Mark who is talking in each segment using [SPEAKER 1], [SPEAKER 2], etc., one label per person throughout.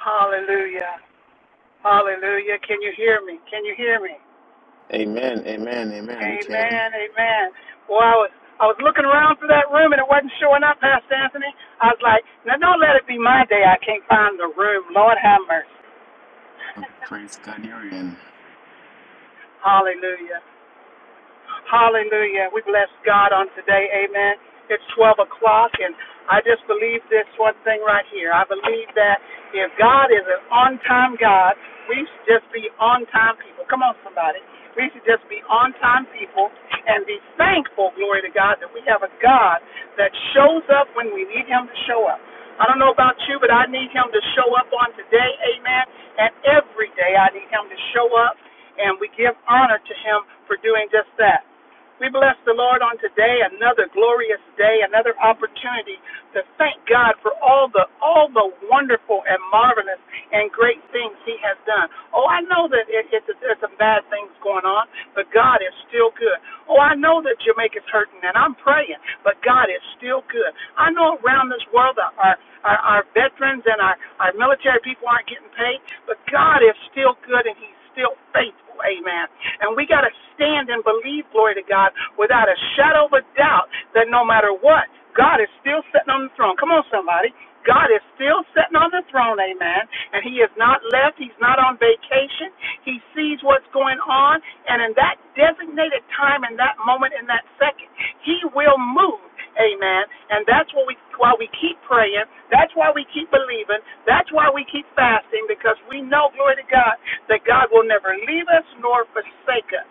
[SPEAKER 1] Hallelujah. Hallelujah. Can you hear me? Can you hear me?
[SPEAKER 2] Amen, amen, amen. We can.
[SPEAKER 1] Amen. Amen. Well, I was I was looking around for that room and it wasn't showing up, Pastor Anthony. I was like, now don't let it be my day. I can't find the room. Lord have mercy.
[SPEAKER 2] Um, Praise God, you're in.
[SPEAKER 1] Hallelujah. Hallelujah. We bless God on today. Amen. It's 12 o'clock, and I just believe this one thing right here. I believe that if God is an on time God, we should just be on time people. Come on, somebody. We should just be on time people and be thankful, glory to God, that we have a God that shows up when we need Him to show up. I don't know about you, but I need Him to show up on today. Amen. And every day I need Him to show up and we give honor to him for doing just that. We bless the Lord on today, another glorious day, another opportunity to thank God for all the all the wonderful and marvelous and great things He has done. Oh, I know that it, it's there's some bad things going on, but God is still good. Oh, I know that Jamaica's hurting, and I'm praying, but God is still good. I know around this world our, our our veterans and our our military people aren't getting paid, but God is still good, and He's still faithful. Amen. And we got to stand and believe, glory to God, without a shadow of a doubt that no matter what, God is still sitting on the throne. Come on, somebody. God is still sitting on the throne, amen. And He is not left. He's not on vacation. He sees what's going on. And in that designated time, in that moment, in that second, He will move, amen. And that's what we, why we keep praying. That's why we keep believing. That's why we keep fasting, because we know, glory to God, that God will never leave us nor forsake us.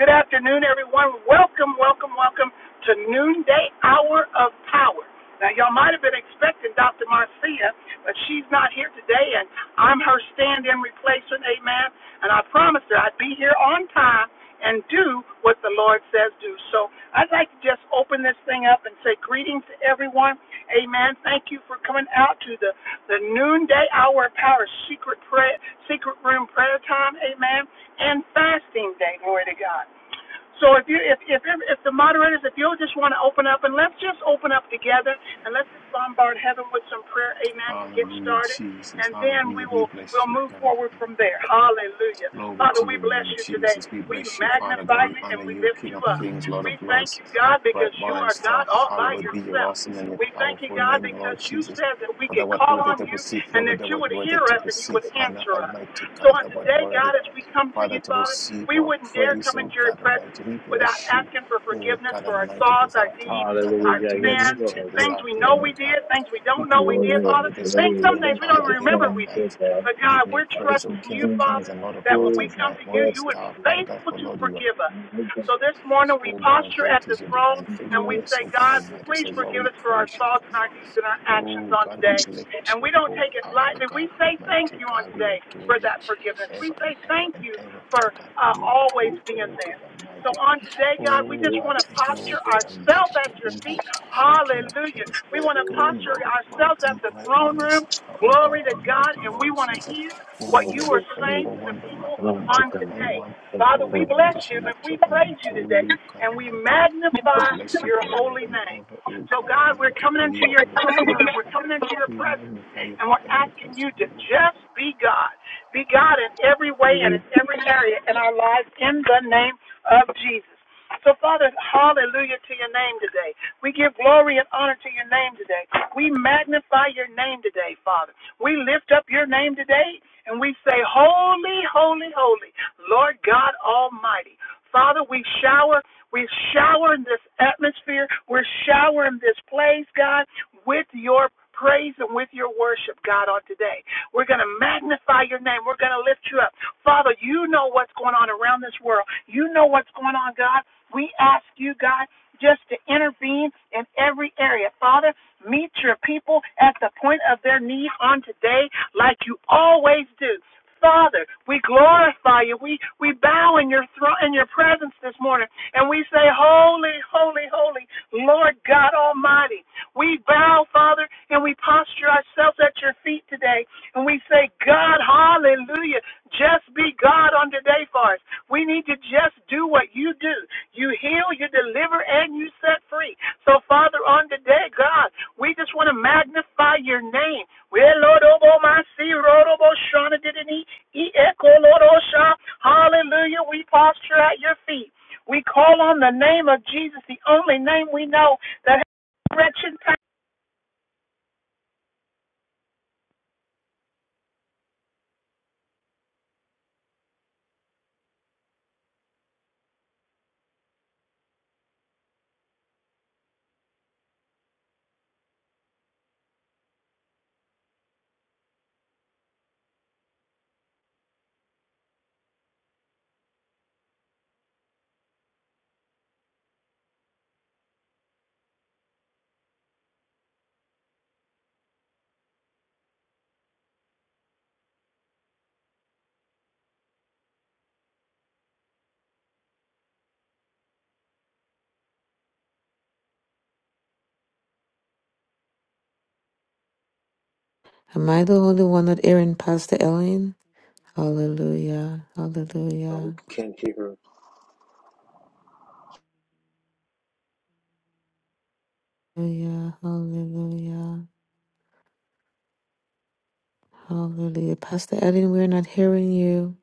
[SPEAKER 1] Good afternoon, everyone. Welcome, welcome, welcome to Noonday Hour of Power. Now, y'all might have been expecting Dr. Marcia, but she's not here today, and I'm her stand in replacement, amen. And I promised her I'd be here on time and do what the Lord says do. So I'd like to just open this thing up and say greetings to everyone, amen. Thank you for coming out to the the noonday hour of power, secret prayer, secret room prayer time, amen, and fasting day, glory to God. So if you if if if the moderators, if you'll just want to open up and let's just open up together and let's just bombard heaven with some prayer, amen, to get
[SPEAKER 2] Hallelujah,
[SPEAKER 1] started.
[SPEAKER 2] Jesus.
[SPEAKER 1] And then
[SPEAKER 2] Hallelujah.
[SPEAKER 1] we
[SPEAKER 2] We
[SPEAKER 1] will
[SPEAKER 2] bless
[SPEAKER 1] we'll
[SPEAKER 2] you,
[SPEAKER 1] move
[SPEAKER 2] God.
[SPEAKER 1] forward from there. Hallelujah.
[SPEAKER 2] Glory
[SPEAKER 1] Father,
[SPEAKER 2] to
[SPEAKER 1] we
[SPEAKER 2] your
[SPEAKER 1] bless
[SPEAKER 2] name,
[SPEAKER 1] you today.
[SPEAKER 2] Jesus. We
[SPEAKER 1] We
[SPEAKER 2] bless you, Father God.
[SPEAKER 1] magnify
[SPEAKER 2] We
[SPEAKER 1] you and
[SPEAKER 2] honor
[SPEAKER 1] we
[SPEAKER 2] you,
[SPEAKER 1] lift
[SPEAKER 2] King
[SPEAKER 1] you
[SPEAKER 2] of
[SPEAKER 3] Yeah,
[SPEAKER 1] up.
[SPEAKER 2] Kings,
[SPEAKER 3] Hallelujah.
[SPEAKER 2] Lord of
[SPEAKER 1] We thank
[SPEAKER 2] Lords.
[SPEAKER 1] you, God, because
[SPEAKER 2] Bright
[SPEAKER 1] you
[SPEAKER 2] Morning
[SPEAKER 1] are
[SPEAKER 2] star,
[SPEAKER 1] God all by
[SPEAKER 2] hallowed be your
[SPEAKER 1] yourself.
[SPEAKER 2] awesome and your
[SPEAKER 1] We thank you,
[SPEAKER 2] powerful
[SPEAKER 1] God,
[SPEAKER 2] name,
[SPEAKER 1] because
[SPEAKER 2] Lord
[SPEAKER 1] you
[SPEAKER 2] Jesus.
[SPEAKER 1] said that we
[SPEAKER 2] For
[SPEAKER 1] could
[SPEAKER 2] thou art
[SPEAKER 1] call
[SPEAKER 2] worthy
[SPEAKER 1] on
[SPEAKER 2] to
[SPEAKER 1] you
[SPEAKER 2] receive
[SPEAKER 1] and
[SPEAKER 2] glory,
[SPEAKER 1] that
[SPEAKER 2] thou
[SPEAKER 1] you
[SPEAKER 2] art
[SPEAKER 1] would hear
[SPEAKER 2] worthy to
[SPEAKER 1] us and you
[SPEAKER 2] receive
[SPEAKER 1] would
[SPEAKER 2] honor,
[SPEAKER 1] answer us.
[SPEAKER 2] Almighty
[SPEAKER 1] So
[SPEAKER 2] God,
[SPEAKER 1] on
[SPEAKER 2] thou art
[SPEAKER 1] today,
[SPEAKER 2] worthy.
[SPEAKER 1] God, as we come to you,
[SPEAKER 2] Father, to
[SPEAKER 1] Father,
[SPEAKER 2] receive
[SPEAKER 1] we
[SPEAKER 2] our
[SPEAKER 1] wouldn't dare
[SPEAKER 2] praise,
[SPEAKER 1] come
[SPEAKER 2] oh
[SPEAKER 1] into your
[SPEAKER 2] God
[SPEAKER 1] presence
[SPEAKER 2] Almighty. We
[SPEAKER 1] without
[SPEAKER 2] bless you,
[SPEAKER 1] asking for
[SPEAKER 2] oh
[SPEAKER 1] forgiveness
[SPEAKER 2] God
[SPEAKER 1] for our
[SPEAKER 2] Almighty,
[SPEAKER 1] thoughts,
[SPEAKER 2] this
[SPEAKER 1] our deeds,
[SPEAKER 2] afternoon. God
[SPEAKER 1] our
[SPEAKER 2] Almighty,
[SPEAKER 4] Hallelujah.
[SPEAKER 2] we
[SPEAKER 4] Yes,
[SPEAKER 1] sins,
[SPEAKER 2] lift you up
[SPEAKER 4] Lord.
[SPEAKER 2] this
[SPEAKER 4] Yes,
[SPEAKER 1] things we know
[SPEAKER 2] afternoon,
[SPEAKER 1] we
[SPEAKER 4] Lord.
[SPEAKER 2] God.
[SPEAKER 1] did, things we
[SPEAKER 2] We
[SPEAKER 1] don't know
[SPEAKER 4] We
[SPEAKER 1] we
[SPEAKER 4] will
[SPEAKER 1] did,
[SPEAKER 2] glorify
[SPEAKER 4] real.
[SPEAKER 1] Father,
[SPEAKER 2] you
[SPEAKER 4] We
[SPEAKER 2] this
[SPEAKER 1] things,
[SPEAKER 4] will
[SPEAKER 1] some
[SPEAKER 2] afternoon,
[SPEAKER 1] things
[SPEAKER 4] repent
[SPEAKER 1] we don't
[SPEAKER 4] for
[SPEAKER 2] Father,
[SPEAKER 4] this
[SPEAKER 1] even
[SPEAKER 2] giving
[SPEAKER 1] remember
[SPEAKER 2] you
[SPEAKER 1] we
[SPEAKER 4] one,
[SPEAKER 1] did.
[SPEAKER 4] good
[SPEAKER 2] thanks
[SPEAKER 4] God.
[SPEAKER 1] But
[SPEAKER 2] and
[SPEAKER 1] God,
[SPEAKER 2] giving you
[SPEAKER 1] we're
[SPEAKER 4] That we
[SPEAKER 2] praise, O
[SPEAKER 4] can
[SPEAKER 1] trusting
[SPEAKER 2] King
[SPEAKER 1] you,
[SPEAKER 2] of
[SPEAKER 4] sing with
[SPEAKER 2] Kings
[SPEAKER 1] Father,
[SPEAKER 2] and
[SPEAKER 4] our
[SPEAKER 2] Lord of
[SPEAKER 1] that when
[SPEAKER 2] Lords
[SPEAKER 1] we
[SPEAKER 4] fears,
[SPEAKER 2] and
[SPEAKER 4] our
[SPEAKER 1] come
[SPEAKER 2] bright
[SPEAKER 1] to you,
[SPEAKER 4] love,
[SPEAKER 2] morning
[SPEAKER 1] you would be
[SPEAKER 2] star.
[SPEAKER 4] with
[SPEAKER 2] Father God,
[SPEAKER 1] faithful
[SPEAKER 2] for
[SPEAKER 1] to
[SPEAKER 2] Lord, you are,
[SPEAKER 1] forgive us.
[SPEAKER 4] my God.
[SPEAKER 1] So this morning we
[SPEAKER 2] oh God, and
[SPEAKER 1] posture at
[SPEAKER 2] great
[SPEAKER 1] the
[SPEAKER 2] is your
[SPEAKER 1] throne
[SPEAKER 2] divine
[SPEAKER 4] We
[SPEAKER 1] and
[SPEAKER 4] bless
[SPEAKER 1] we
[SPEAKER 4] you. We thank
[SPEAKER 2] faithfulness,
[SPEAKER 1] say,
[SPEAKER 2] oh God
[SPEAKER 1] God,
[SPEAKER 2] Almighty.
[SPEAKER 1] please
[SPEAKER 2] So, Lord,
[SPEAKER 1] forgive
[SPEAKER 2] we
[SPEAKER 1] us for our
[SPEAKER 2] praise you,
[SPEAKER 1] thoughts
[SPEAKER 2] God.
[SPEAKER 1] and our deeds and our actions
[SPEAKER 2] Oh
[SPEAKER 1] on
[SPEAKER 2] God, we
[SPEAKER 1] today.
[SPEAKER 2] lift
[SPEAKER 1] And
[SPEAKER 2] you up,
[SPEAKER 1] we don't
[SPEAKER 2] oh
[SPEAKER 1] take it
[SPEAKER 2] Father
[SPEAKER 1] lightly. We
[SPEAKER 2] God,
[SPEAKER 1] say thank
[SPEAKER 2] Almighty
[SPEAKER 1] you on
[SPEAKER 2] God, we
[SPEAKER 1] today
[SPEAKER 2] adore
[SPEAKER 3] Thank
[SPEAKER 2] you
[SPEAKER 1] for
[SPEAKER 3] you,
[SPEAKER 1] that forgiveness.
[SPEAKER 3] Jesus
[SPEAKER 2] ever
[SPEAKER 1] We
[SPEAKER 3] God.
[SPEAKER 2] and
[SPEAKER 1] say
[SPEAKER 2] ever
[SPEAKER 1] thank
[SPEAKER 2] and
[SPEAKER 1] you
[SPEAKER 2] ever, Father
[SPEAKER 1] for
[SPEAKER 2] God, for
[SPEAKER 1] uh,
[SPEAKER 2] you are
[SPEAKER 1] always being
[SPEAKER 4] you
[SPEAKER 2] faithful, oh God
[SPEAKER 1] there. So
[SPEAKER 2] Almighty.
[SPEAKER 1] on today,
[SPEAKER 3] Jesus,
[SPEAKER 1] God, we
[SPEAKER 2] Oh
[SPEAKER 1] just
[SPEAKER 2] God,
[SPEAKER 4] for
[SPEAKER 1] want to
[SPEAKER 4] your
[SPEAKER 2] thank you,
[SPEAKER 1] posture
[SPEAKER 2] oh
[SPEAKER 3] Jesus,
[SPEAKER 2] God
[SPEAKER 4] grace,
[SPEAKER 3] Jesus,
[SPEAKER 1] ourselves
[SPEAKER 2] Almighty, for
[SPEAKER 1] at your
[SPEAKER 2] who you
[SPEAKER 1] feet.
[SPEAKER 3] Jesus,
[SPEAKER 2] are,
[SPEAKER 3] Jesus.
[SPEAKER 2] Oh King of
[SPEAKER 1] Hallelujah.
[SPEAKER 2] Kings,
[SPEAKER 1] We
[SPEAKER 4] your grace, your
[SPEAKER 1] want to
[SPEAKER 2] O
[SPEAKER 4] love,
[SPEAKER 1] posture
[SPEAKER 2] Lord of
[SPEAKER 1] ourselves
[SPEAKER 2] Lords,
[SPEAKER 1] at
[SPEAKER 2] and
[SPEAKER 1] the
[SPEAKER 2] bright
[SPEAKER 1] throne
[SPEAKER 2] morning
[SPEAKER 1] room.
[SPEAKER 2] star, oh God
[SPEAKER 1] Glory to God.
[SPEAKER 2] Almighty,
[SPEAKER 1] And we
[SPEAKER 2] Lord
[SPEAKER 1] want to
[SPEAKER 2] Jesus.
[SPEAKER 1] hear
[SPEAKER 2] Oh,
[SPEAKER 1] what
[SPEAKER 4] because
[SPEAKER 2] you're
[SPEAKER 1] you
[SPEAKER 2] the
[SPEAKER 1] are
[SPEAKER 4] we see
[SPEAKER 1] saying
[SPEAKER 2] faithful
[SPEAKER 1] to the
[SPEAKER 2] one, the
[SPEAKER 1] people
[SPEAKER 2] loving one, the
[SPEAKER 4] mighty
[SPEAKER 1] on
[SPEAKER 4] God.
[SPEAKER 2] kind
[SPEAKER 4] We
[SPEAKER 1] today.
[SPEAKER 2] one.
[SPEAKER 4] thank you
[SPEAKER 1] Father,
[SPEAKER 2] Oh
[SPEAKER 4] for
[SPEAKER 1] we
[SPEAKER 2] God, we
[SPEAKER 1] bless
[SPEAKER 4] your
[SPEAKER 2] just
[SPEAKER 1] you and
[SPEAKER 2] lift you
[SPEAKER 1] we
[SPEAKER 2] up and
[SPEAKER 1] praise you
[SPEAKER 2] adore
[SPEAKER 1] today.
[SPEAKER 2] you, God
[SPEAKER 1] And we
[SPEAKER 2] Almighty. We
[SPEAKER 1] magnify
[SPEAKER 2] bless you
[SPEAKER 1] your
[SPEAKER 2] forever
[SPEAKER 1] holy
[SPEAKER 2] and
[SPEAKER 1] name.
[SPEAKER 2] ever, Oh
[SPEAKER 1] So,
[SPEAKER 2] God
[SPEAKER 1] God, we're
[SPEAKER 2] Almighty,
[SPEAKER 1] coming
[SPEAKER 2] for
[SPEAKER 1] into
[SPEAKER 2] you are
[SPEAKER 1] your
[SPEAKER 2] our
[SPEAKER 1] throne
[SPEAKER 2] King, O
[SPEAKER 1] room. We're
[SPEAKER 2] God.
[SPEAKER 1] coming into your
[SPEAKER 2] We
[SPEAKER 1] presence.
[SPEAKER 2] magnify you
[SPEAKER 1] And we're
[SPEAKER 2] forever
[SPEAKER 1] asking
[SPEAKER 2] because
[SPEAKER 1] you to
[SPEAKER 2] you are
[SPEAKER 1] just be God. Be God in every way and
[SPEAKER 4] grace.
[SPEAKER 1] in every area in our lives in the name of Jesus. So, Father, hallelujah to your name today. We give glory and honor to your name today. We magnify your name today, Father. We lift up your name today and we say, Holy, holy, holy, Lord God Almighty. Father, we shower we're showering this atmosphere. We're showering this place, God, with your praise and with your worship, God, on today. We're going to magnify your name. We're going to lift you up. Father, you know what's going on around this world. You know what's going on, God. We ask you, God, just to intervene in every area. Father, meet your people at the point of their need on today, like you always do. Father, we glorify you. We we bow in your throne in your presence this morning and we say, Holy, holy, holy, Lord God Almighty. We bow, Father, and we posture ourselves at your feet today, and we say, God, hallelujah, just be God on today for us. We need to just do what you do. You heal, you deliver, and you set free. So, Father, on today, God, we just want to magnify your name. We Lord Lord Obo Shana Didini, E Lord Osha. Hallelujah. We posture at your feet. We call on the name of Jesus, the only name we know that has resurrection power.
[SPEAKER 3] Am I the only one not hearing Pastor Ellen? Hallelujah.
[SPEAKER 2] Lord. We
[SPEAKER 3] Hallelujah.
[SPEAKER 2] can't hear her.
[SPEAKER 3] Hallelujah. Hallelujah. Hallelujah. Pastor Ellen, we're not hearing you.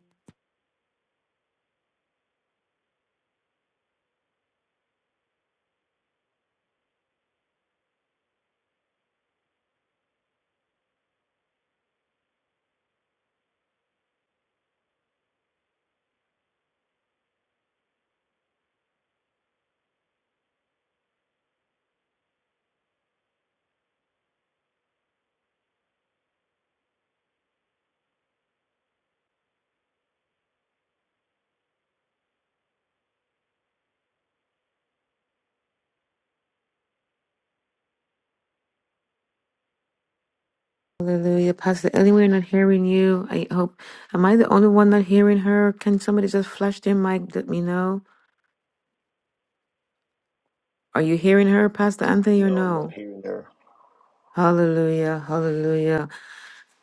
[SPEAKER 3] Hallelujah. Pastor Ellen, we're not hearing you. I hope. Am I the only one not hearing her? Can somebody just flash their mic? Let me know. Are you hearing her, Pastor Anthony, or
[SPEAKER 2] No, I'm not
[SPEAKER 3] no?
[SPEAKER 2] here and there.
[SPEAKER 3] Hallelujah. Hallelujah.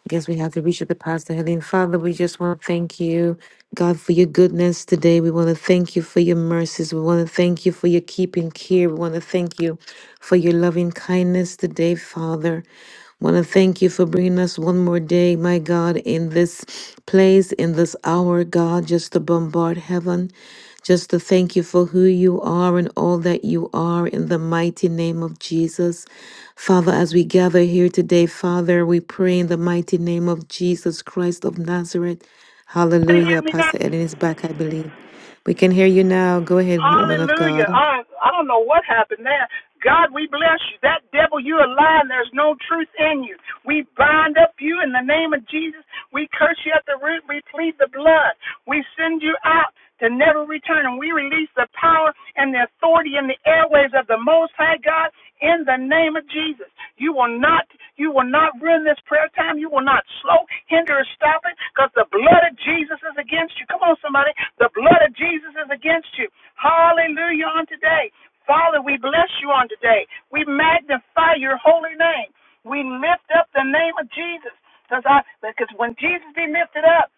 [SPEAKER 3] guess we have to reach out to Pastor Helene. Father, we just want to thank you, God, for your goodness today. We want to thank you for your mercies. We want to thank you for your keeping care. We want to thank you for your loving kindness today, Father. Want to thank you for bringing us one more day, my God, in this place, in this hour, God, just to bombard heaven, just to thank you for who you are and all that you are in the mighty name of Jesus. Father, as we gather here today, Father, we pray in the mighty name of Jesus Christ of Nazareth. Hallelujah.
[SPEAKER 1] hear me now?
[SPEAKER 3] Pastor Ellen is back, I believe. We can hear you now. Go ahead, woman of
[SPEAKER 1] Hallelujah.
[SPEAKER 3] God.
[SPEAKER 1] I, I don't know what happened there. God, we bless you. That devil, you're a liar. There's no truth in you. We bind up you in the name of Jesus. We curse you at the root. We plead the blood. We send you out. to never return. And we release the power and the authority in the airwaves of the Most High God in the name of Jesus. You will not, you will not ruin this prayer time. You will not slow, hinder, or stop it because the blood of Jesus is against you. Come on, somebody. The blood of Jesus is against you. Hallelujah on today. Father, we bless you on today. We magnify your holy name. We lift up the name of Jesus because I because when Jesus be lifted up,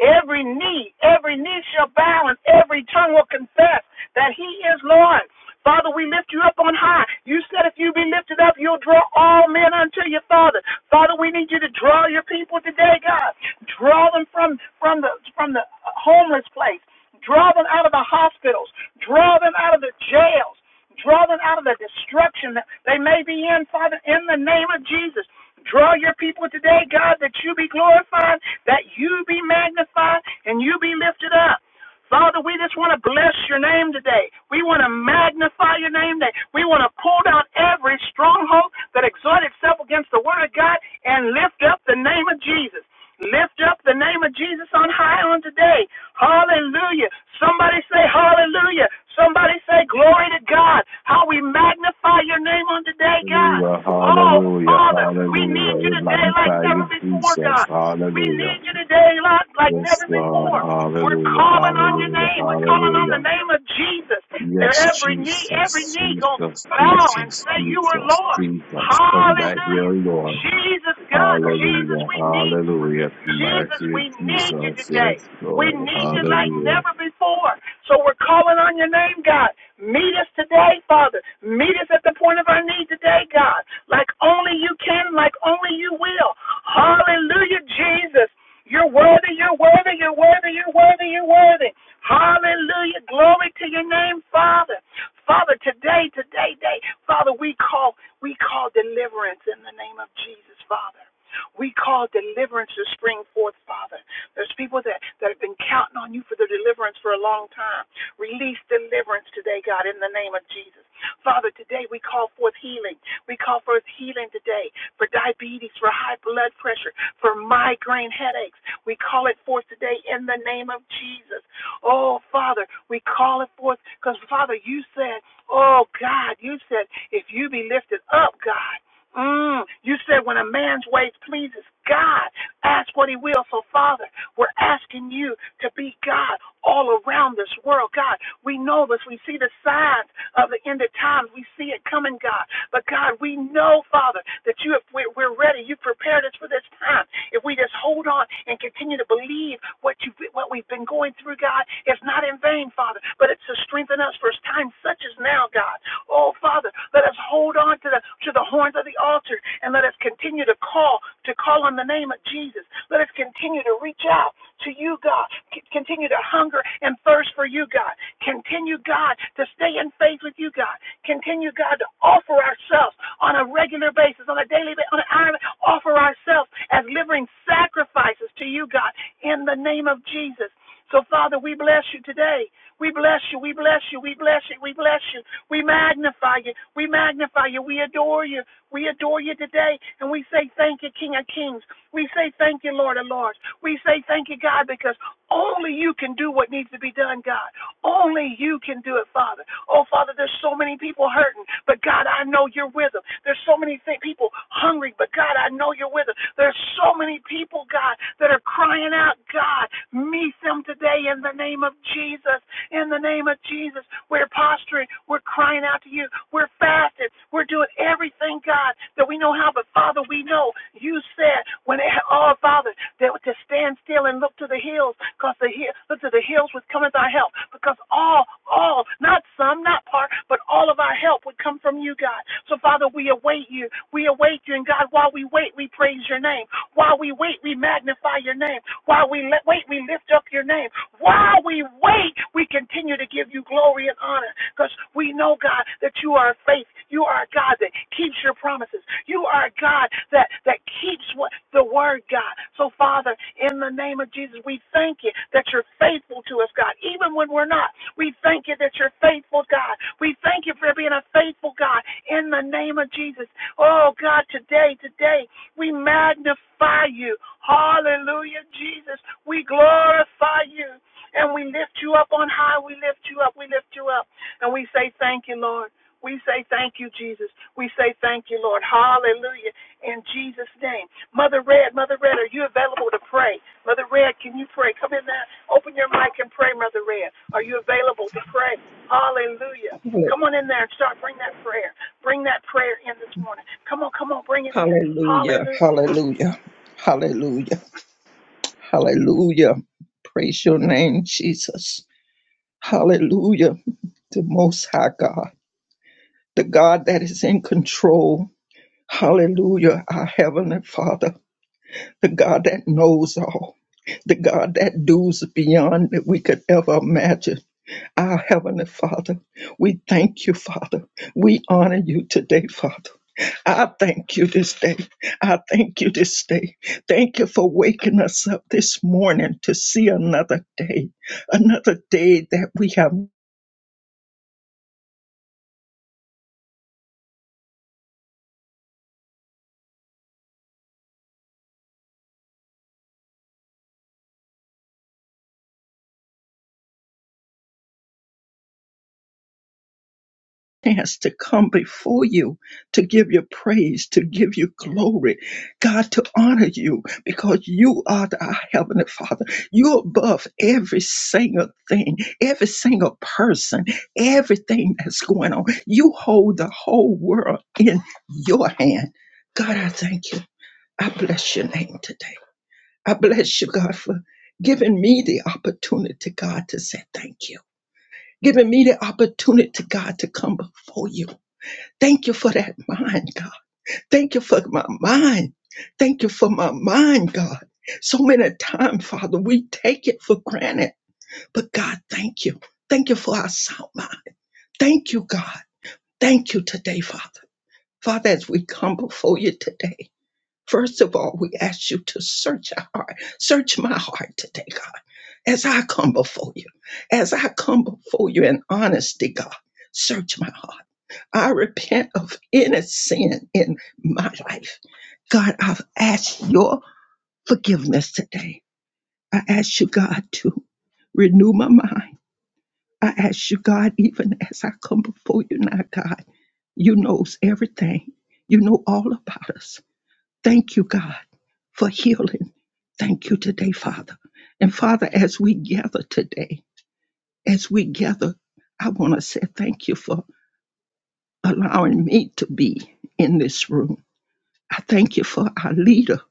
[SPEAKER 1] Every knee, every knee shall bow, and every tongue will confess that He is Lord. Father, we lift you up on high. You said if you be lifted up, you'll draw all men unto you, Father. Father, we need you to draw your people today, God. Draw them from from the from the homeless place. Draw them out of the hospitals. Draw them out of the jails. Draw them out of the destruction that they may be in, Father, in the name of Jesus. Draw your people today, God, that you be glorified, that you be magnified, and you be lifted up. Father, we just want to bless your name today. We want to magnify your name today. We want to pull down every stronghold that exalts itself against the word of God and lift up the name of Jesus. Lift up the name of Jesus on high on today. Hallelujah. Somebody say hallelujah. Somebody say glory to God. How we magnify your name on today, God.
[SPEAKER 4] Hallelujah,
[SPEAKER 1] Oh,
[SPEAKER 4] hallelujah,
[SPEAKER 1] Father, we
[SPEAKER 4] hallelujah.
[SPEAKER 1] need you
[SPEAKER 4] We
[SPEAKER 1] today like
[SPEAKER 4] magnify
[SPEAKER 1] never
[SPEAKER 4] you,
[SPEAKER 1] before,
[SPEAKER 4] Jesus.
[SPEAKER 1] God. We
[SPEAKER 4] Hallelujah.
[SPEAKER 1] need you today like, like
[SPEAKER 4] Yes,
[SPEAKER 1] never
[SPEAKER 4] Lord.
[SPEAKER 1] before. We're
[SPEAKER 4] Hallelujah,
[SPEAKER 1] calling on your
[SPEAKER 4] hallelujah,
[SPEAKER 1] name. We're calling on
[SPEAKER 4] hallelujah.
[SPEAKER 1] the name of Jesus. And
[SPEAKER 4] Yes,
[SPEAKER 1] every knee, every
[SPEAKER 4] Jesus,
[SPEAKER 1] knee going to
[SPEAKER 4] Jesus,
[SPEAKER 1] bow and
[SPEAKER 4] Jesus,
[SPEAKER 1] say, You are
[SPEAKER 4] Jesus,
[SPEAKER 1] Lord.
[SPEAKER 4] Jesus. Come back here,
[SPEAKER 1] Hallelujah.
[SPEAKER 4] Lord.
[SPEAKER 1] Jesus, God, Jesus,
[SPEAKER 4] Hallelujah,
[SPEAKER 1] we need you.
[SPEAKER 4] hallelujah. Come back
[SPEAKER 1] Jesus,
[SPEAKER 4] here,
[SPEAKER 1] we need you
[SPEAKER 4] Jesus.
[SPEAKER 1] today.
[SPEAKER 4] Yes,
[SPEAKER 1] We
[SPEAKER 4] Lord.
[SPEAKER 1] need you like
[SPEAKER 4] Hallelujah.
[SPEAKER 1] never before. So we're calling on your name, God. Meet us today, Father. Meet us at the point of our need today, God. Like only you can, like only you will. Hallelujah, Jesus. You're worthy, you're worthy, you're worthy, you're worthy, you're worthy. Hallelujah. Glory to your name, Father. Father, today, today, day, Father, we call we call deliverance in the name of Jesus, Father. We call deliverance to spring forth, Father. There's people that, that have been counting on you for the deliverance for a long time. Release deliverance today, God, in the name of Jesus. Father, today we call forth healing. We call forth healing today for diabetes, for high blood pressure, for migraine headaches. We call it forth today in the name of Jesus. Oh, Father, we call it forth because, Father, you said, oh, God, you said, if you be lifted up, God. Mm, you said when a man's ways pleases God, ask what he will. So, Father, we're asking you to be God all around this world. God, we know this. We see the signs of the end of times. We see it coming, God. But, God, we know, Father, that you have, we're we're ready. You prepared us for this time. If we just hold on and continue to believe what you what we've been going through, God, is not in vain, Father, but it's to strengthen us for times such as now, God. Oh, Father, let us hold on to the to the horns of the altar and let us continue to call to call on the name of Jesus. Let us continue to reach out to you, God. C- continue to hunger and thirst for you, God. Continue, God, to stay in faith with you, God. Continue, God, to offer ourselves on a regular basis, on a daily basis, on an hour, offer ourselves as living sacrifices to you, God in the name of Jesus. So, Father, we bless you today. We bless you. We bless you. We bless you. We bless you. We magnify you. We magnify you. We adore you. We adore you today. And we say thank you, King of Kings. We say thank you, Lord of Lords. We say thank you, God, because only you can do what needs to be done, God. Only you can do it, Father. Oh, Father, there's so many people hurting, but God, I know you're with them. There's so many thi- people hungry, but God, I know you're with them. There's so many people, God, that are crying out, God, meet them today in the name of Jesus in the name of Jesus. We're posturing. We're crying out to you. We're fasting. We're doing everything, God, that we know how. But Father, we know you said when it, oh Father, that to stand still and look to the hills, because the hill, look to the hills would come with our help. Because all, all, not some, not part, but all of our help would come from you, God. So Father, we await you. We await you, and God, while we wait, we praise your name. While we wait, we magnify your name. While we le- wait, we lift up your name. While we the way we continue to give you glory and honor because we know, God, that you are faithful. You are a God that keeps your promises. You are a God that, that keeps what the word, God. So, Father, in the name of Jesus, we thank you that you're faithful to us, God, even when we're not. We thank you that you're faithful, God. We thank you for being a faithful God in the name of Jesus. Oh, God, today, today, we magnify you. Hallelujah, Jesus. We glorify you. And we lift you up on high. We lift you up. We lift you up. And we say thank you, Lord. We say thank you, Jesus. We say thank you, Lord. Hallelujah. In Jesus' name. Mother Red, Mother Red, are you available to pray? Mother Red, can you pray? Come in there. Open your mic and pray, Mother Red. Are you available to pray? Hallelujah.
[SPEAKER 5] Hallelujah.
[SPEAKER 1] Come on in there and start. Bring that prayer. Bring that prayer in this morning. Come on, come on, bring it in.
[SPEAKER 5] Hallelujah.
[SPEAKER 1] Hallelujah.
[SPEAKER 5] Hallelujah. Hallelujah. Hallelujah. Praise your name, Jesus. Hallelujah. The Most High God, the God that is in control. Hallelujah. Our Heavenly Father, the God that knows all, the God that does beyond that we could ever imagine. Our Heavenly Father, we thank you, Father. We honor you today, Father. I thank you this day. I thank you this day. Thank you for waking us up this morning to see another day, another day that we have. chance to come before you to give you praise, to give you glory, God, to honor you because you are the, our Heavenly Father. You're above every single thing, every single person, everything that's going on. You hold the whole world in your hand. God, I thank you. I bless your name today. I bless you, God, for giving me the opportunity, God, to say thank you, giving me the opportunity, God, to come before you Thank you for that mind, God. Thank you for my mind. Thank you for my mind, God. So many times, Father, we take it for granted. But God, thank you. Thank you for our sound mind. Thank you, God. Thank you today, Father. Father, as we come before you today, first of all, we ask you to search our heart. Search my heart today, God. As I come before you, as I come before you in honesty, God, search my heart. I repent of any sin in my life. God, I've asked your forgiveness today. I ask you, God, to renew my mind. I ask you, God, even as I come before you now, God, you knows everything. You know all about us. Thank you, God, for healing. Thank you today, Father. And Father, as we gather today, as we gather, I want to say thank you for allowing me to be in this room. I thank you for our leader.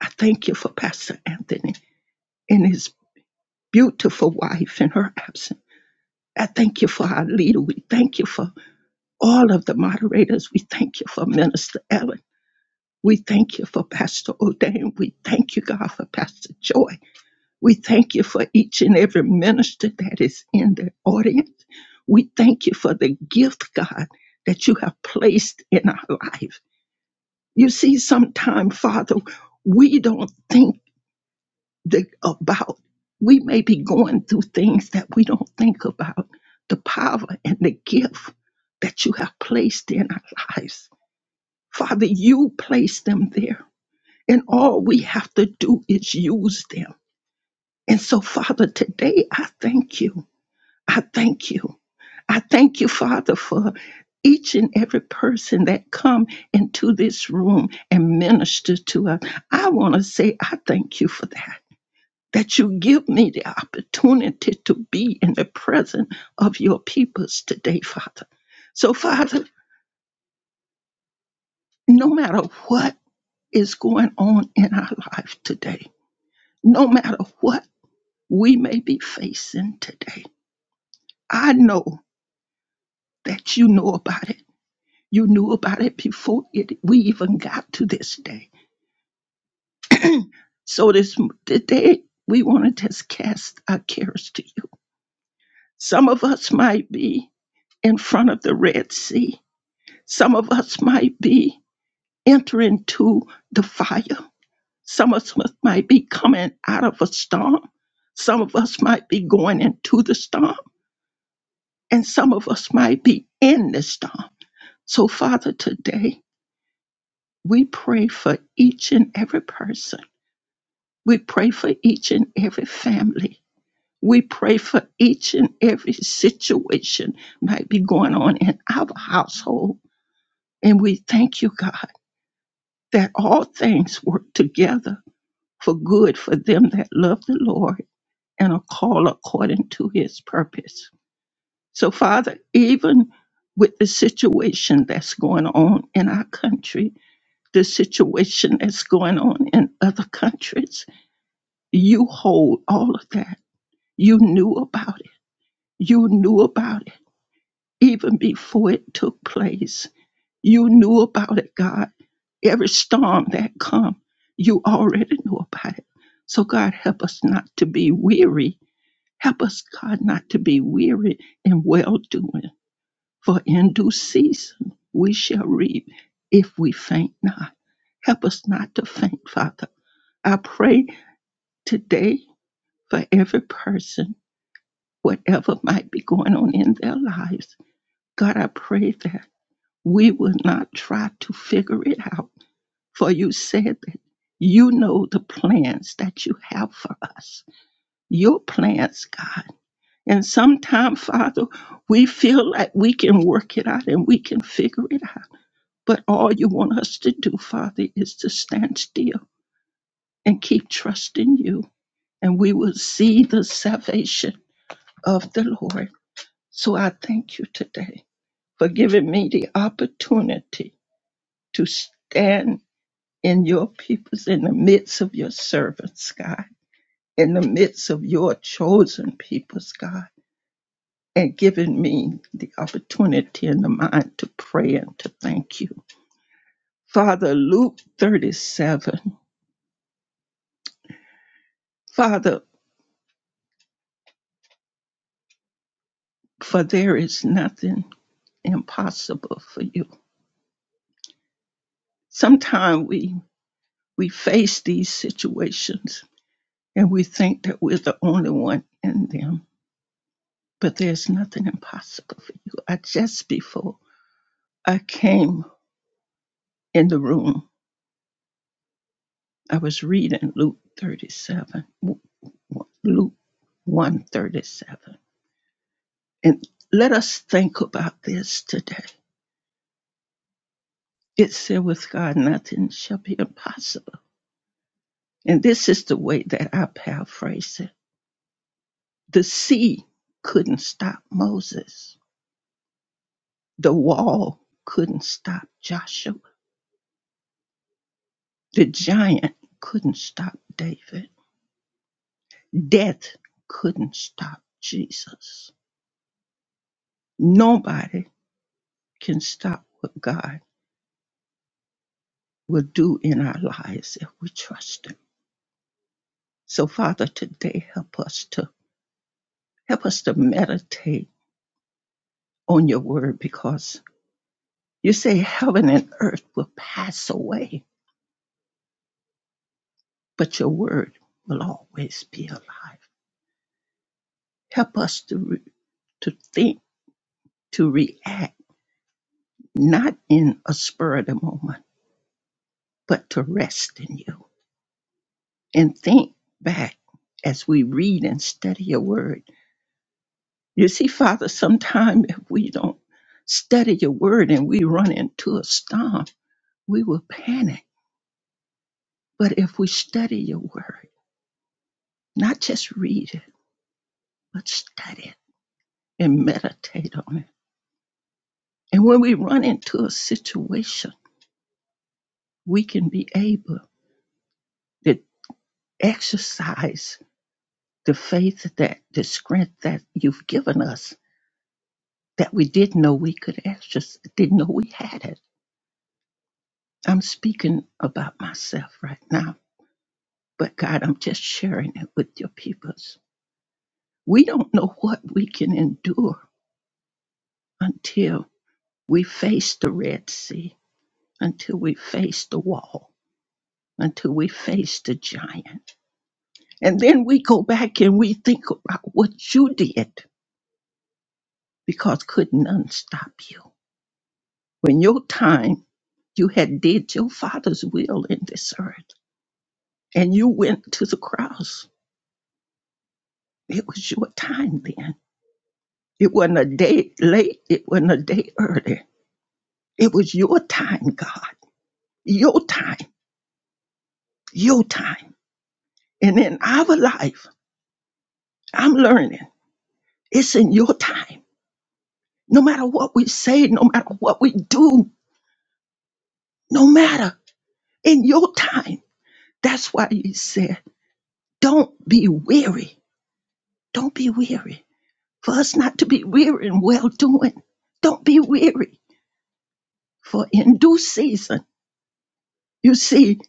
[SPEAKER 5] I thank you for Pastor Anthony and his beautiful wife in her absence. I thank you for our leader. We thank you for all of the moderators. We thank you for Minister Ellen. We thank you for Pastor O'Dane. We thank you, God, for Pastor Joy. We thank you for each and every minister that is in the audience. We thank you for the gift, God, that you have placed in our life. You see, sometime, Father, we don't think the, about we may be going through things that we don't think about the power and the gift that you have placed in our lives father you placed them there and all we have to do is use them and so father today i thank you i thank you i thank you father for each and every person that come into this room and minister to us i want to say i thank you for that that you give me the opportunity to be in the presence of your peoples today, Father. So, Father, no matter what is going on in our life today, no matter what we may be facing today, I know that you know about it. You knew about it before it, we even got to this day. So, this today, we want to just cast our cares to you. Some of us might be in front of the Red Sea Some of us might be entering to the fire. Some of us might be coming out of a storm. Some of us might be going into the storm. And some of us might be in the storm. So, Father, today we pray for each and every person. We pray for each and every family. We pray for each and every situation might be going on in our household. And we thank you, God, that all things work together for good for them that love the Lord and are called according to his purpose. So, Father, even with the situation that's going on in our country, the situation that's going on in other countries, you hold all of that. You knew about it. You knew about it even before it took place. You knew about it, God. Every storm that come, you already knew about it. So God help us not to be weary Help us, God, not to be weary in well doing, for in due season we shall reap if we faint not. Help us not to faint, Father. I pray today for every person, whatever might be going on in their lives. God, I pray that we will not try to figure it out, for you said that you know the plans that you have for us. Your plans, God. And sometimes, Father, we feel like we can work it out and we can figure it out. But all you want us to do, Father, is to stand still and keep trusting you. And we will see the salvation of the Lord. So I thank you today for giving me the opportunity to stand in your peoples, in the midst of your servants, God, in the midst of your chosen peoples, God. and giving me the opportunity and the mind to pray and to thank you. Father, Luke 37, Father, for there is nothing impossible for you. Sometimes we, we face these situations and we think that we're the only one in them, but there's nothing impossible for you. I just before I came in the room, I was reading Luke 37, Luke 137 And let us think about this today. It said, with God, nothing shall be impossible. And this is the way that I paraphrase it. The sea couldn't stop Moses, the wall couldn't stop Joshua, the giant couldn't stop David, death couldn't stop Jesus. Nobody can stop what God will do in our lives if we trust Him. So, Father, today help us to Help us to meditate on your word because you say heaven and earth will pass away, but your word will always be alive. Help us to, re- to think, to react, not in a spur of the moment, but to rest in you and think back as we read and study your word. You see, Father, sometimes if we don't study your word and we run into a storm, we will panic. But if we study your word, not just read it, but study it and meditate on it. And when we run into a situation, we can be able to exercise the faith that the strength that you've given us that we didn't know we could exercise, didn't know we had it. I'm speaking about myself right now, but God, I'm just sharing it with your peoples. We don't know what we can endure until we face the Red Sea, until we face the wall until we face the giant. And then we go back and we think about what you did because could none stop you. When your time, you had did your father's will in this earth and you went to the cross. It was your time then. It wasn't a day late, it wasn't a day early. It was your time, God. Your time, your time. And in our life, I'm learning it's in your time. no matter what we say, no matter what we do, no matter in your time. That's why he said, don't be weary. Don't be weary. For us not to be weary in well doing. Don't be weary. For in due season, you see,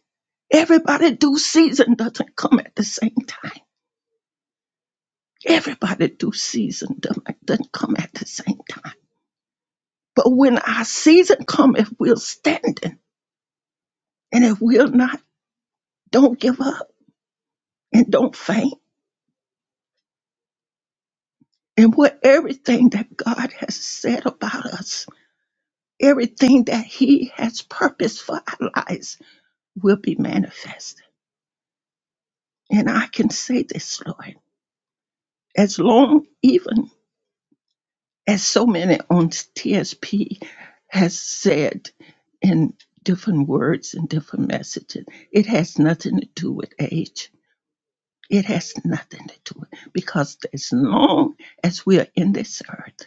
[SPEAKER 5] everybody due season doesn't come at the same time. Everybody due season doesn't doesn't come at the same time. But when our season come, if we're standing and if we're not, don't give up and don't faint and what everything that God has said about us, everything that He has purposed for our lives will be manifested. And I can say this, Lord, as long even as so many on TSP has said in different words and different messages, it has nothing to do with age. It has nothing to do with because as long as we are in this earth,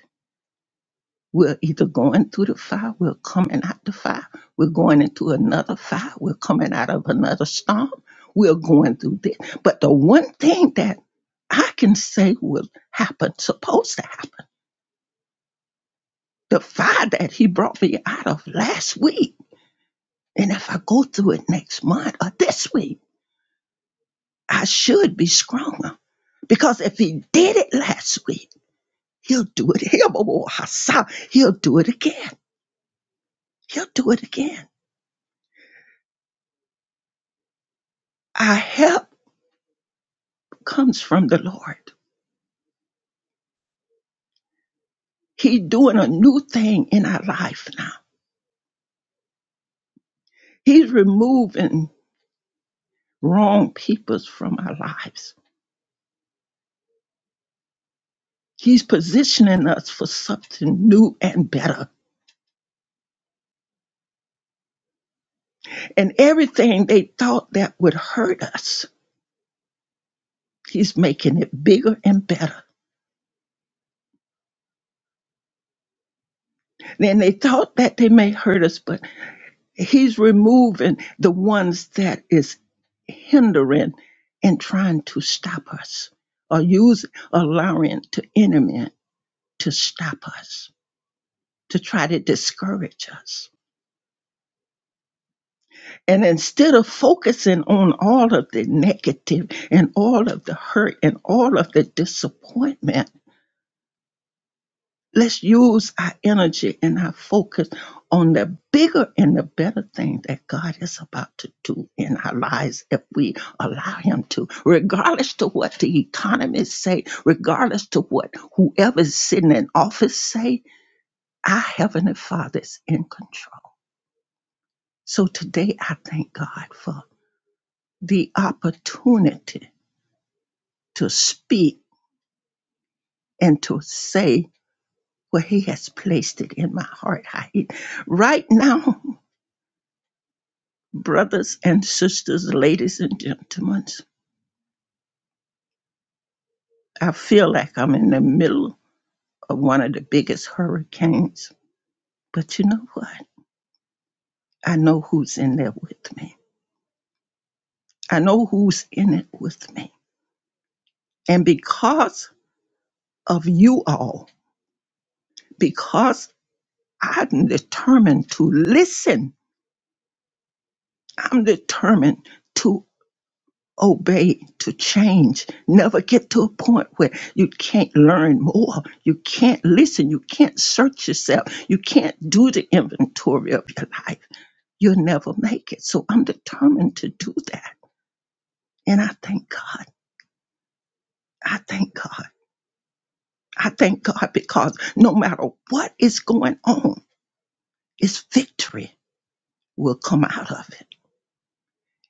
[SPEAKER 5] We're either going through the fire, we're coming out the fire, we're going into another fire, we're coming out of another storm, we're going through this. But the one thing that I can say will happen, supposed to happen, the fire that he brought me out of last week. And if I go through it next month or this week, I should be stronger. Because if he did it last week, he'll do it He'll do it again. He'll do it again. I help. comes from the Lord. He's doing a new thing in our life now. He's removing wrong peoples from our lives. He's positioning us for something new and better. And everything they thought that would hurt us, he's making it bigger and better. Then they thought that they may hurt us, but he's removing the ones that is hindering and trying to stop us or use allowing to enemy. to stop us, to try to discourage us. And instead of focusing on all of the negative and all of the hurt and all of the disappointment, let's use our energy and our focus on the bigger and the better thing that God is about to do in our lives if we allow him to regardless to what the economists say regardless to what whoever's sitting in office say our heavenly father is in control So today I thank God for the opportunity to speak and to say where He has placed it in my heart. I, right now, brothers and sisters, ladies and gentlemen, I feel like I'm in the middle of one of the biggest hurricanes. But you know what? I know who's in there with me. I know who's in it with me. And because of you all, because I'm determined to listen I'm determined to obey, to change, never get to a point where you can't learn more, you can't listen, you can't search yourself, you can't do the inventory of your life. You'll never make it. So I'm determined to do that. And I thank God. I thank God. I thank God because no matter what is going on, it's victory will come out of it.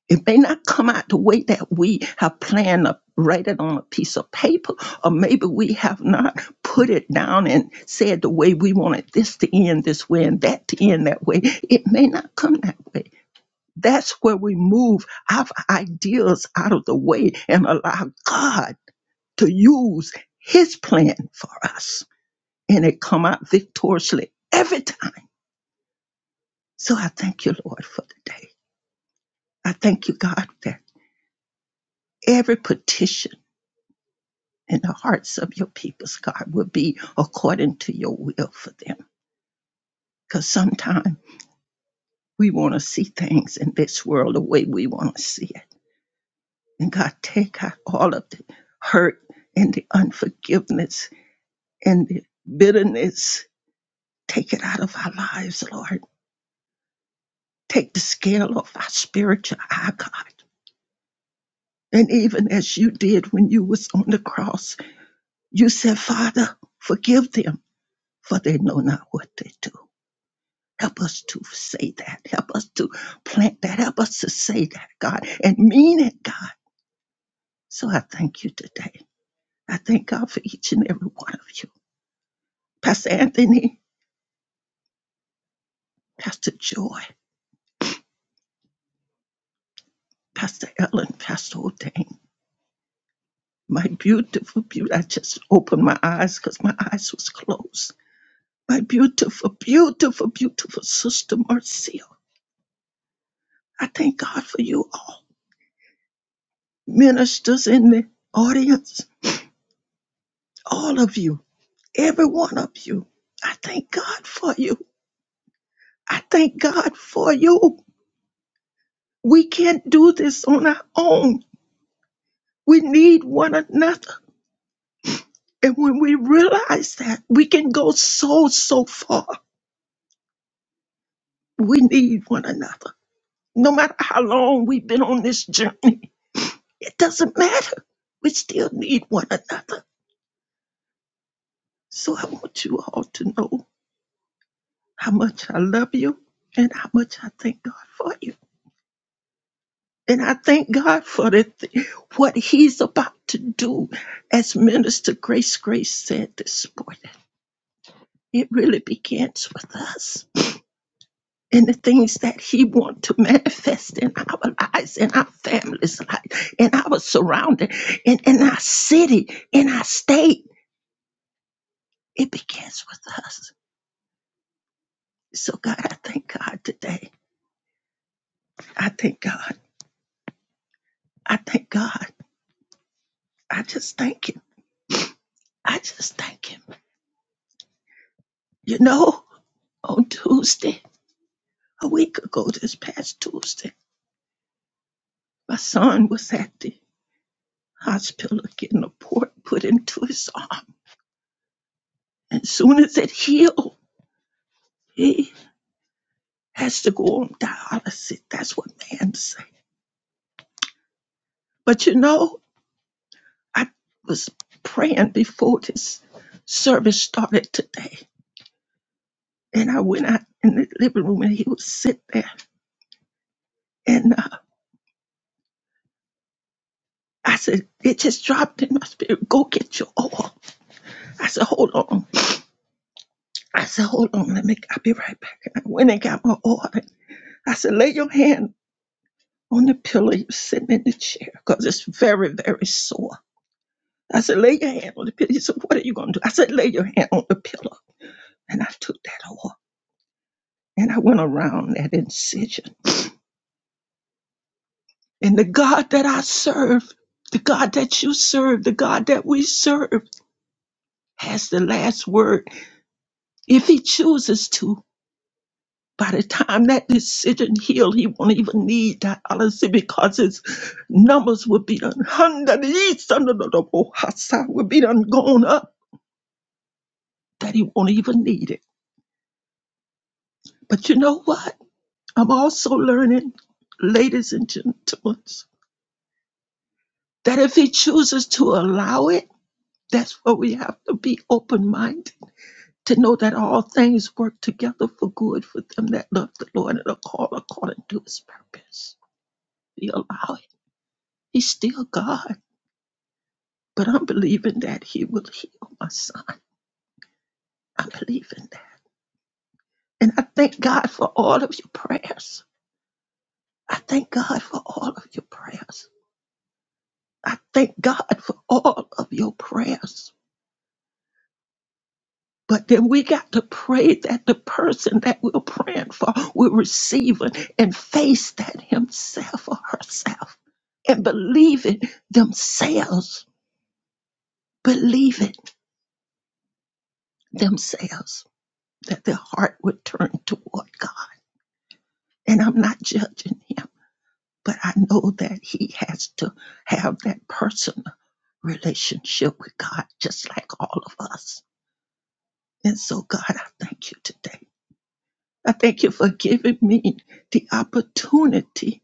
[SPEAKER 5] It may not come out the way that we have planned to write it on a piece of paper, or maybe we have not put it down and said the way we wanted this to end this way and that to end that way. It may not come that way. That's where we move our ideas out of the way and allow God to use his plan for us. And it come out victoriously every time. So I thank you, Lord, for today. I thank you, God, that every petition and the hearts of your peoples, God, will be according to your will for them. Because sometimes we want to see things in this world the way we want to see it. And God, take out all of the hurt and the unforgiveness and the bitterness. Take it out of our lives, Lord. Take the scale off our spiritual eye, God. And even as you did when you was on the cross, you said, Father, forgive them, for they know not what they do. Help us to say that. Help us to plant that. Help us to say that, God, and mean it, God. So I thank you today. I thank God for each and every one of you. Pastor Anthony, Pastor Joy, Pastor Ellen, Pastor Ordain, my beautiful, beautiful, I just opened my eyes because my eyes was closed. My beautiful, beautiful, beautiful sister Marcia. I thank God for you all. Ministers in the audience, all of you. every one of you. I thank God for you. I thank God for you. We can't do this on our own. We need one another. And when we realize that, we can go so, so far. We need one another. No matter how long we've been on this journey, it doesn't matter. We still need one another. So I want you all to know how much I love you and how much I thank God for you. And I thank God for the th- what He's about to do, as Minister Grace Grace said this morning. It really begins with us and the things that He wants to manifest in our lives, in our families' life, in our surrounding, in, in our city, in our state. It begins with us. So, God, I thank God today. I thank God. I thank God. I just thank Him. I just thank Him. You know, on Tuesday, a week ago this past Tuesday. My son was at the hospital getting a port put into his arm. And soon as it healed, he has to go on dialysis. That's what man say. But you know, I was praying before this service started today. And I went out in the living room and he was sitting there. And uh, I said, it just dropped in my spirit. Go get your oil. I said, hold on. I said, hold on. Let me, I'll be right back. And I went and got my oil I said, lay your hand on the pillow you are sitting in the chair because it's very, very sore. I said, lay your hand on the pillow. He said, what are you going to do? I said, lay your hand on the pillow. And I took that off and I went around that incision. And the God that I serve, the God that you serve, the God that we serve has the last word. If he chooses to, By the time that decision healed, he won't even need dialysis because his numbers will be done hundred east under the double hasa will be done gone up that he won't even need it. But you know what? I'm also learning, ladies and gentlemen, that if he chooses to allow it, that's where we have to be open minded to know that all things work together for good for them that love the Lord and are called according to his purpose. We allow it. He's still God. But I'm believing that He will heal my son. I'm believing that. And I thank God for all of your prayers. I thank God for all of your prayers. I thank God for all of your prayers. But then we got to pray that the person that we're praying for will receive it and face that himself or herself and believe it themselves. Believe it themselves that their heart would turn toward God. And I'm not judging him. But I know that he has to have that personal relationship with God, just like all of us. And so, God, I thank you today. I thank you for giving me the opportunity,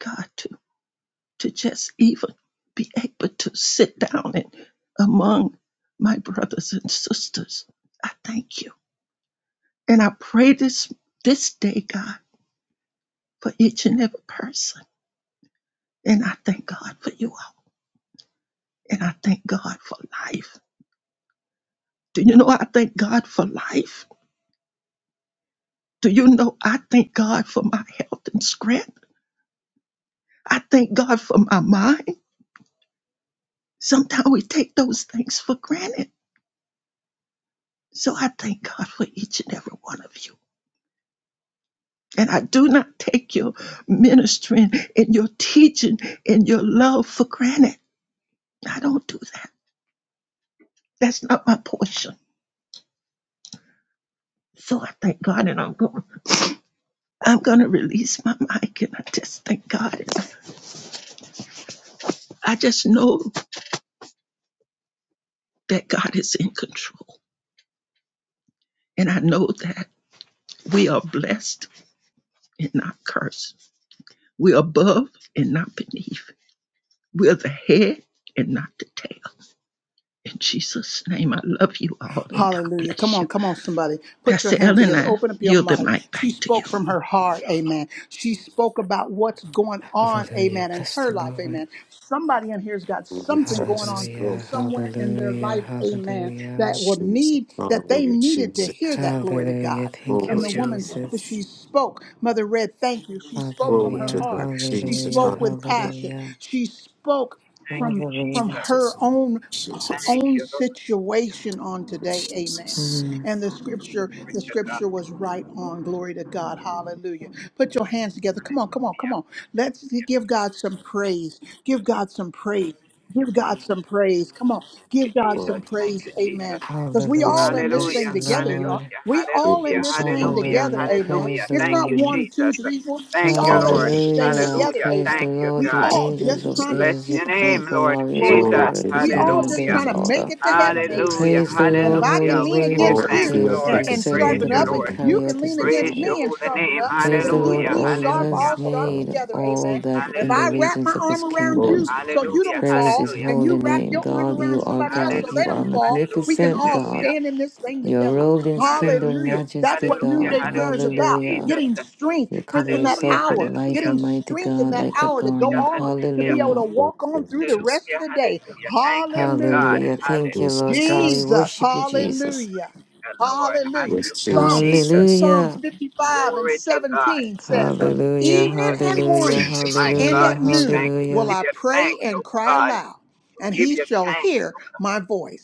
[SPEAKER 5] God, to, to just even be able to sit down and among my brothers and sisters. I thank you. And I pray this this day, God, for each and every person. And I thank God for you all. And I thank God for life. Do you know I thank God for life? Do you know I thank God for my health and strength? I thank God for my mind. Sometimes we take those things for granted. So I thank God for each and every one of you. And I do not take your ministering and your teaching and your love for granted. I don't do that. That's not my portion. So I thank God and I'm going I'm gonna release my mic and I just thank God. I just know that God is in control. And I know that we are blessed and not cursed. We're above and not beneath. We're the head and not the tail. In Jesus' name, I love you all and God
[SPEAKER 1] Hallelujah. Come
[SPEAKER 5] bless you.
[SPEAKER 1] on, come on, somebody. Put your
[SPEAKER 5] Pastor
[SPEAKER 1] hands
[SPEAKER 5] Ellen,
[SPEAKER 1] together.
[SPEAKER 5] I
[SPEAKER 1] Open up your
[SPEAKER 5] yield the
[SPEAKER 1] mic.
[SPEAKER 5] mic back
[SPEAKER 1] She
[SPEAKER 5] to you.
[SPEAKER 1] spoke from her heart. Amen. She spoke about what's going on.
[SPEAKER 3] Hallelujah.
[SPEAKER 1] Amen. In
[SPEAKER 3] Bless
[SPEAKER 1] her
[SPEAKER 3] the
[SPEAKER 1] life.
[SPEAKER 3] Lord.
[SPEAKER 1] Amen. Somebody in here's got something going on
[SPEAKER 2] Jesus, Lord
[SPEAKER 3] Hallelujah,
[SPEAKER 1] somewhere in their
[SPEAKER 3] hallelujah,
[SPEAKER 1] life. Amen.
[SPEAKER 3] hallelujah,
[SPEAKER 1] That will
[SPEAKER 2] Jesus,
[SPEAKER 1] need, that they
[SPEAKER 2] hallelujah,
[SPEAKER 1] needed to
[SPEAKER 2] Jesus.
[SPEAKER 1] hear that. Glory to God.
[SPEAKER 3] hallelujah. Thank you,
[SPEAKER 1] And
[SPEAKER 2] Glory
[SPEAKER 1] the
[SPEAKER 2] to
[SPEAKER 6] Hallelujah.
[SPEAKER 1] woman,
[SPEAKER 2] God,
[SPEAKER 1] sp-
[SPEAKER 3] Jesus.
[SPEAKER 1] she spoke. Mother Red, thank you. She spoke from
[SPEAKER 2] glory
[SPEAKER 1] her
[SPEAKER 2] to
[SPEAKER 3] Hallelujah,
[SPEAKER 1] heart.
[SPEAKER 2] God,
[SPEAKER 1] She
[SPEAKER 2] Jesus,
[SPEAKER 3] hallelujah,
[SPEAKER 1] spoke with
[SPEAKER 2] hallelujah,
[SPEAKER 1] passion.
[SPEAKER 3] hallelujah,
[SPEAKER 1] She spoke
[SPEAKER 6] Thank you,
[SPEAKER 1] from from
[SPEAKER 3] hallelujah.
[SPEAKER 6] Jesus.
[SPEAKER 1] her
[SPEAKER 2] Jesus,
[SPEAKER 1] own her
[SPEAKER 2] Jesus,
[SPEAKER 6] Thank
[SPEAKER 1] own
[SPEAKER 6] you, Lord.
[SPEAKER 1] situation on today amen
[SPEAKER 2] Jesus.
[SPEAKER 3] Mm.
[SPEAKER 1] and the scripture
[SPEAKER 6] Glory
[SPEAKER 1] the
[SPEAKER 6] to God.
[SPEAKER 1] scripture was right on glory to god hallelujah put your hands together come on come on come
[SPEAKER 6] Hallelujah.
[SPEAKER 1] on let's give god some praise give god some praise Give God some praise. Come on.
[SPEAKER 6] Thank you,
[SPEAKER 1] Give God
[SPEAKER 2] Oh,
[SPEAKER 6] Jesus.
[SPEAKER 1] some
[SPEAKER 6] Thank
[SPEAKER 1] praise.
[SPEAKER 6] you,
[SPEAKER 1] Amen.
[SPEAKER 6] Jesus.
[SPEAKER 1] Because we
[SPEAKER 2] yes,
[SPEAKER 1] all
[SPEAKER 3] Hallelujah,
[SPEAKER 1] in
[SPEAKER 2] Lord
[SPEAKER 1] this
[SPEAKER 3] bless
[SPEAKER 1] thing
[SPEAKER 6] Hallelujah.
[SPEAKER 3] the
[SPEAKER 2] Jesus,
[SPEAKER 1] together, y'all.
[SPEAKER 3] Lord.
[SPEAKER 6] Hallelujah.
[SPEAKER 1] We
[SPEAKER 2] we
[SPEAKER 1] all in
[SPEAKER 6] Hallelujah.
[SPEAKER 2] bless
[SPEAKER 1] this
[SPEAKER 2] you,
[SPEAKER 1] thing
[SPEAKER 2] Father,
[SPEAKER 6] Hallelujah.
[SPEAKER 1] together.
[SPEAKER 3] Hallelujah,
[SPEAKER 1] Amen.
[SPEAKER 6] Hallelujah.
[SPEAKER 3] praise the
[SPEAKER 1] It's
[SPEAKER 6] Thank
[SPEAKER 1] not
[SPEAKER 6] you,
[SPEAKER 3] Lord.
[SPEAKER 1] one, two,
[SPEAKER 6] Jesus.
[SPEAKER 1] three, four. We
[SPEAKER 6] Thank you,
[SPEAKER 1] all in
[SPEAKER 6] Lord.
[SPEAKER 2] hallelujah,
[SPEAKER 1] this thing
[SPEAKER 3] Hallelujah,
[SPEAKER 1] together.
[SPEAKER 6] Hallelujah.
[SPEAKER 3] praise the
[SPEAKER 1] Amen.
[SPEAKER 6] Thank you,
[SPEAKER 3] Lord,
[SPEAKER 1] We
[SPEAKER 3] you
[SPEAKER 6] God.
[SPEAKER 1] all
[SPEAKER 3] angels
[SPEAKER 1] just
[SPEAKER 3] of
[SPEAKER 2] Jesus.
[SPEAKER 1] trying to
[SPEAKER 6] Bless
[SPEAKER 3] airs, you
[SPEAKER 6] your
[SPEAKER 1] see
[SPEAKER 6] name,
[SPEAKER 3] powerful
[SPEAKER 1] Jesus.
[SPEAKER 6] Lord
[SPEAKER 3] warriors who
[SPEAKER 1] Glory to
[SPEAKER 2] Glory
[SPEAKER 6] Jesus.
[SPEAKER 1] God.
[SPEAKER 3] carry
[SPEAKER 2] to
[SPEAKER 3] out his
[SPEAKER 1] We
[SPEAKER 3] deed
[SPEAKER 2] you,
[SPEAKER 3] and
[SPEAKER 1] all just
[SPEAKER 3] obey
[SPEAKER 6] Hallelujah.
[SPEAKER 3] his
[SPEAKER 1] trying to make
[SPEAKER 3] order.
[SPEAKER 1] it to heaven.
[SPEAKER 2] Jesus.
[SPEAKER 1] Amen.
[SPEAKER 6] Hallelujah.
[SPEAKER 3] Praise the
[SPEAKER 1] And if
[SPEAKER 3] Lord,
[SPEAKER 1] I
[SPEAKER 6] Hallelujah.
[SPEAKER 3] holy
[SPEAKER 1] can lean
[SPEAKER 6] We give you
[SPEAKER 3] warriors
[SPEAKER 1] against
[SPEAKER 3] of
[SPEAKER 2] Glory to
[SPEAKER 6] thanks,
[SPEAKER 1] you
[SPEAKER 2] your
[SPEAKER 3] his,
[SPEAKER 1] and,
[SPEAKER 6] Lord.
[SPEAKER 3] you
[SPEAKER 1] and
[SPEAKER 2] presence, in the
[SPEAKER 6] Praise
[SPEAKER 3] servant
[SPEAKER 1] sharpen
[SPEAKER 3] of
[SPEAKER 6] you,
[SPEAKER 2] name,
[SPEAKER 3] his
[SPEAKER 1] up,
[SPEAKER 3] who
[SPEAKER 2] Lord,
[SPEAKER 1] and
[SPEAKER 6] Lord.
[SPEAKER 2] and I
[SPEAKER 1] you
[SPEAKER 3] carry
[SPEAKER 2] thank
[SPEAKER 1] can
[SPEAKER 3] out
[SPEAKER 1] lean
[SPEAKER 3] his
[SPEAKER 6] Praise
[SPEAKER 1] against
[SPEAKER 3] desire.
[SPEAKER 6] your
[SPEAKER 1] me and
[SPEAKER 6] holy
[SPEAKER 1] sharpen
[SPEAKER 6] name.
[SPEAKER 2] you,
[SPEAKER 1] up,
[SPEAKER 3] Praise
[SPEAKER 2] Lord,
[SPEAKER 3] the
[SPEAKER 1] then
[SPEAKER 2] for
[SPEAKER 1] we
[SPEAKER 3] Lord,
[SPEAKER 6] Hallelujah.
[SPEAKER 1] we
[SPEAKER 3] all he
[SPEAKER 1] sharp
[SPEAKER 6] Hallelujah.
[SPEAKER 1] all
[SPEAKER 3] has
[SPEAKER 1] sharp
[SPEAKER 2] the
[SPEAKER 3] made,
[SPEAKER 1] together,
[SPEAKER 3] all
[SPEAKER 2] Father.
[SPEAKER 1] amen.
[SPEAKER 3] that
[SPEAKER 1] And if
[SPEAKER 3] in the
[SPEAKER 1] I
[SPEAKER 6] Hallelujah.
[SPEAKER 1] wrap
[SPEAKER 3] regions
[SPEAKER 1] my
[SPEAKER 3] of his
[SPEAKER 1] arm around
[SPEAKER 2] Glory
[SPEAKER 3] kingdom.
[SPEAKER 1] you
[SPEAKER 2] to
[SPEAKER 1] so
[SPEAKER 2] your name,
[SPEAKER 1] you
[SPEAKER 6] Hallelujah,
[SPEAKER 1] don't
[SPEAKER 3] Praise
[SPEAKER 2] Jesus.
[SPEAKER 1] fall,
[SPEAKER 3] his
[SPEAKER 6] hallelujah,
[SPEAKER 1] and you
[SPEAKER 3] holy
[SPEAKER 1] wrap
[SPEAKER 3] name.
[SPEAKER 1] your arm
[SPEAKER 3] God,
[SPEAKER 1] around
[SPEAKER 3] you are
[SPEAKER 1] somebody else
[SPEAKER 3] God.
[SPEAKER 1] so
[SPEAKER 3] You
[SPEAKER 1] they
[SPEAKER 3] are
[SPEAKER 1] don't
[SPEAKER 6] hallelujah,
[SPEAKER 1] fall, we
[SPEAKER 6] hallelujah,
[SPEAKER 1] can
[SPEAKER 3] magnificent,
[SPEAKER 1] all
[SPEAKER 3] God.
[SPEAKER 1] stand in this thing
[SPEAKER 3] You are
[SPEAKER 1] together.
[SPEAKER 3] robed in splendor and
[SPEAKER 1] Hallelujah.
[SPEAKER 6] hallelujah, hallelujah,
[SPEAKER 1] That's
[SPEAKER 3] majesty,
[SPEAKER 1] what
[SPEAKER 6] hallelujah,
[SPEAKER 3] God.
[SPEAKER 1] noonday prayer is
[SPEAKER 6] hallelujah,
[SPEAKER 1] about.
[SPEAKER 3] Hallelujah.
[SPEAKER 6] Jesus.
[SPEAKER 1] Getting strength
[SPEAKER 3] You
[SPEAKER 1] for
[SPEAKER 3] cover
[SPEAKER 1] in that
[SPEAKER 6] Hallelujah,
[SPEAKER 3] yourself with
[SPEAKER 1] hour,
[SPEAKER 3] light,
[SPEAKER 6] hallelujah,
[SPEAKER 1] getting
[SPEAKER 3] Almighty
[SPEAKER 1] strength in
[SPEAKER 3] God,
[SPEAKER 1] that
[SPEAKER 3] like a
[SPEAKER 1] hour to go
[SPEAKER 6] hallelujah,
[SPEAKER 3] garment.
[SPEAKER 1] on, to be
[SPEAKER 6] hallelujah,
[SPEAKER 1] able to
[SPEAKER 3] Hallelujah.
[SPEAKER 2] Glory
[SPEAKER 1] walk
[SPEAKER 2] to
[SPEAKER 1] on
[SPEAKER 2] you,
[SPEAKER 1] through the
[SPEAKER 2] Jesus.
[SPEAKER 1] rest of
[SPEAKER 6] hallelujah,
[SPEAKER 1] the day.
[SPEAKER 6] hallelujah. Thank you,
[SPEAKER 1] Hallelujah.
[SPEAKER 6] God.
[SPEAKER 3] Hallelujah. Thank you, Lord
[SPEAKER 2] Jesus,
[SPEAKER 6] Hallelujah,
[SPEAKER 3] God. We
[SPEAKER 2] yes,
[SPEAKER 1] Jesus.
[SPEAKER 3] worship you, Jesus.
[SPEAKER 1] Hallelujah.
[SPEAKER 6] Lord.
[SPEAKER 1] Hallelujah.
[SPEAKER 2] yes,
[SPEAKER 6] Hallelujah,
[SPEAKER 1] Psalms,
[SPEAKER 2] Jesus,
[SPEAKER 6] Jesus.
[SPEAKER 2] yes,
[SPEAKER 1] Psalms
[SPEAKER 3] Hallelujah.
[SPEAKER 1] 55 and
[SPEAKER 6] Glory to God.
[SPEAKER 1] 17 says,
[SPEAKER 2] um,
[SPEAKER 3] Hallelujah.
[SPEAKER 1] Evening
[SPEAKER 6] Jesus,
[SPEAKER 1] and
[SPEAKER 6] we
[SPEAKER 2] yes,
[SPEAKER 3] Hallelujah.
[SPEAKER 6] praise
[SPEAKER 1] morning
[SPEAKER 6] you,
[SPEAKER 2] Jesus, um,
[SPEAKER 6] my
[SPEAKER 1] and
[SPEAKER 6] God.
[SPEAKER 3] Hallelujah.
[SPEAKER 1] at
[SPEAKER 6] We
[SPEAKER 2] yes,
[SPEAKER 1] noon
[SPEAKER 6] thank you. We
[SPEAKER 3] Hallelujah.
[SPEAKER 1] will
[SPEAKER 6] give
[SPEAKER 1] I
[SPEAKER 6] you
[SPEAKER 1] pray
[SPEAKER 6] thanks,
[SPEAKER 1] and
[SPEAKER 6] oh
[SPEAKER 1] cry
[SPEAKER 6] God.
[SPEAKER 1] aloud,
[SPEAKER 6] We
[SPEAKER 1] and
[SPEAKER 6] give
[SPEAKER 1] he
[SPEAKER 6] you
[SPEAKER 1] shall
[SPEAKER 6] thanks,
[SPEAKER 1] hear
[SPEAKER 6] oh God.
[SPEAKER 1] my voice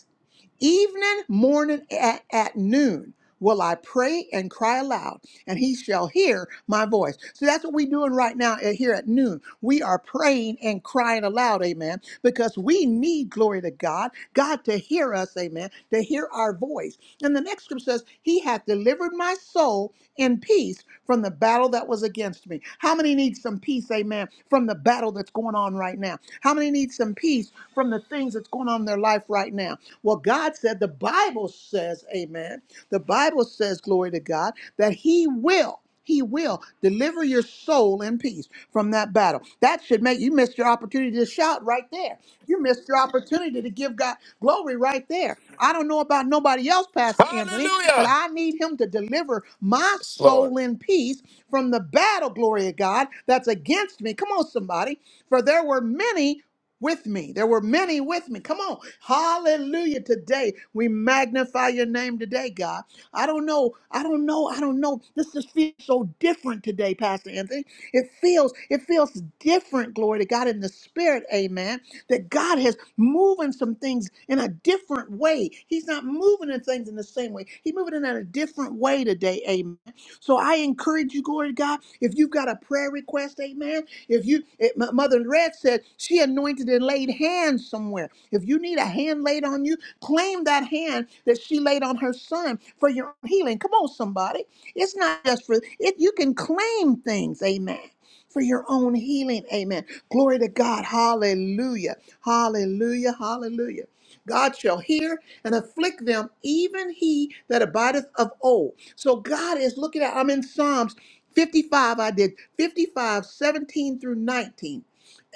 [SPEAKER 1] evening, morning, at, at noon will I pray and cry aloud, and he shall hear my voice. So that's what we're doing right now at- here at noon. We are praying and crying aloud, amen, because we need glory to God, God to hear us, amen, to hear our voice. And the next scripture says, He hath delivered my soul in peace from the battle that was against me. How many need some peace, amen, from the battle that's going on right now? How many need some peace from the things that's going on in their life? life right now? Well, God said, the Bible says, amen. The Bible says, glory to God, that He will. He will deliver your soul in peace from that battle. That should make you missed your opportunity to shout right there. You missed your opportunity to give God glory right there. I don't know about nobody else, Pastor Anthony, but
[SPEAKER 2] Hallelujah.
[SPEAKER 1] I need him to deliver my
[SPEAKER 2] yes, Lord.
[SPEAKER 1] soul in peace from the battle, glory of God, that's against me. Come on, somebody. For there were many with me. There were many with me. Come on. Hallelujah. Today, we magnify your name today, God. I don't know. I don't know. I don't know. This just feels so different today, Pastor Anthony. It feels, it feels different, glory to God, in the spirit, amen. That God has moving some things in a different way. He's not moving in things in the same way. He's moving in a different way today, amen. So I encourage you, glory to God, if you've got a prayer request, amen. If you, it, Mother Red said said she anointed and laid hands somewhere. If you need a hand laid on you, claim that hand that she laid on her son for your healing. Come on, somebody. It's not just for it. You can claim things. Amen. For your own healing. Amen. Glory to God. Hallelujah. Hallelujah. Hallelujah. God shall hear and afflict them, even he that abideth of old. So God is looking at, I'm in Psalms 55, I did 55, 17 through 19.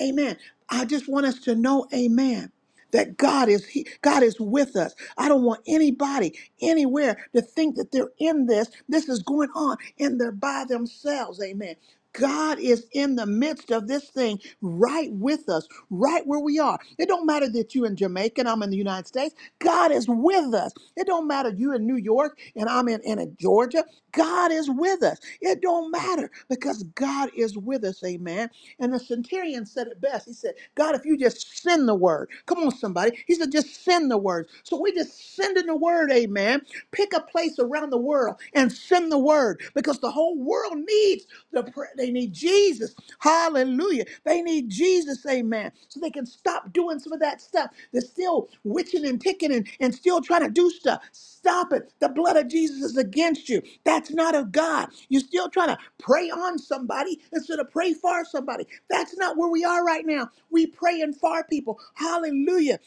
[SPEAKER 1] Amen. I just want us to know, amen, that God is he, God is with us. I don't want anybody anywhere to think that they're in this. This is going on and they're by themselves. Amen. God is in the midst of this thing right with us, right where we are. It don't matter that you're in Jamaica and I'm in the United States. God is with us. It don't matter you in New York and I'm in, in in Georgia. God is with us. It don't matter because God is with us. Amen. And the centurion said it best. He said, God, if you just send the word, come on, somebody. He said, just send the word. So we're just sending the word. Amen. Pick a place around the world and send the word because the whole world needs the prayer. They need Jesus. Hallelujah. They need Jesus, amen. So they can stop doing some of that stuff. They're still witching and picking and, and still trying to do stuff. Stop it. The blood of Jesus is against you. That's not of God. You're still trying to pray on somebody instead of pray for somebody. That's not where we are right now. We pray and for people. Hallelujah.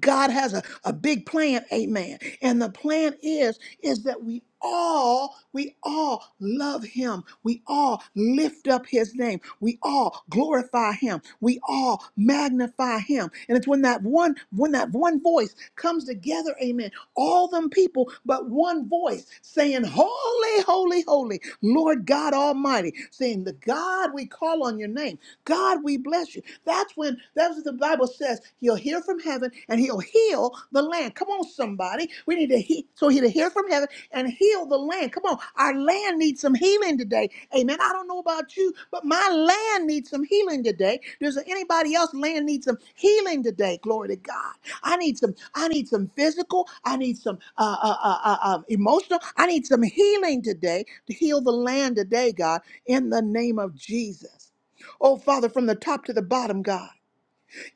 [SPEAKER 1] God has a, a big plan, amen. And the plan is is that we all we all love him. We all lift up his name. We all glorify him. We all magnify him. And it's when that one when that one voice comes together, amen. All them people but one voice saying holy, holy, holy, Lord God Almighty, saying the God we call on your name. God, we bless you. That's when heaven. That's what the Bible says. He'll hear from heaven and he'll heal the land. Come on, somebody. We need to he- so he'll hear from heaven and heal the land. Come on, our land needs some healing today. Amen. I don't know about you, but my land needs some healing today. Does anybody else land needs some healing today? Glory to God. I need some. I need some physical. I need some uh, uh, uh, uh, uh, emotional. I need some healing today to heal the land today, God, in the name of Jesus. Oh Father, from the top to the bottom, God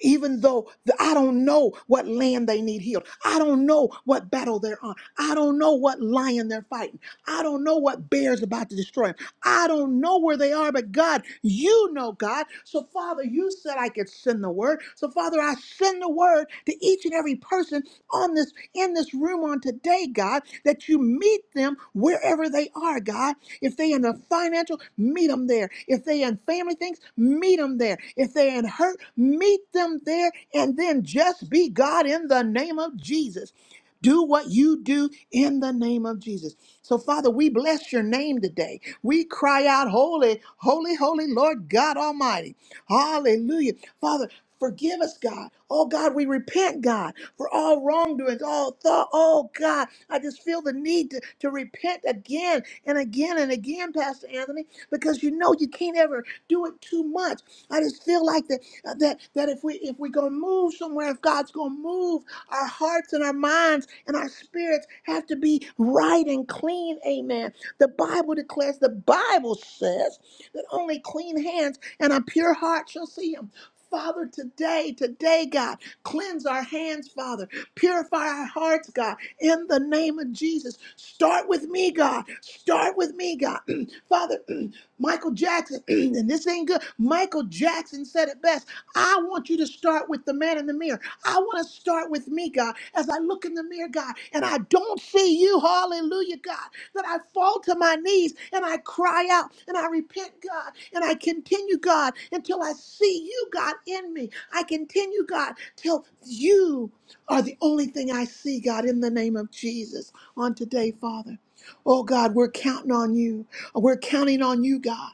[SPEAKER 1] even though th- I don't know what land they need healed. I don't know what battle they're on. I don't know what lion they're fighting. I don't know what bear's about to destroy them. I don't know where they are, but God, you know, God. So, Father, you said I could send the word. So, Father, I send the word to each and every person on this in this room on today, God, that you meet them wherever they are, God. If they in the financial, meet them there. If they in family things, meet them there there. If they're in hurt, meet them there and then just be God in the name of Jesus. Do what you do in the name of Jesus. So, Father, we bless your name today. We cry out, Holy, holy, holy Lord God Almighty. Hallelujah. Father, Forgive us, God. Oh, God, we repent, God, for all wrongdoings, all thought. Oh, God, I just feel the need to, to repent again and again and again, Pastor Anthony, because you know you can't ever do it too much. I just feel like that uh, that that if we if we're gonna move somewhere, if God's gonna move, our hearts and our minds and our spirits have to be right and clean. Amen. The Bible declares, the Bible says that only clean hands and a pure heart shall see Him. Father, today, today, God, cleanse our hands, Father. Purify our hearts, God, in the name of Jesus. Start with me, God. Start with me, God. Father, Michael Jackson, and this ain't good. Michael Jackson said it best. I want you to start with the man in the mirror. I want to start with me, God. God, as I look in the mirror, God, and I don't see you, hallelujah, God, that I fall to my knees and I cry out and I repent, God, and I continue, God, until I see you, God, in me. I continue, God, till you are the only thing I see, God, in the name of Jesus on today, Father. Oh, God, we're counting on you. We're counting on you, God.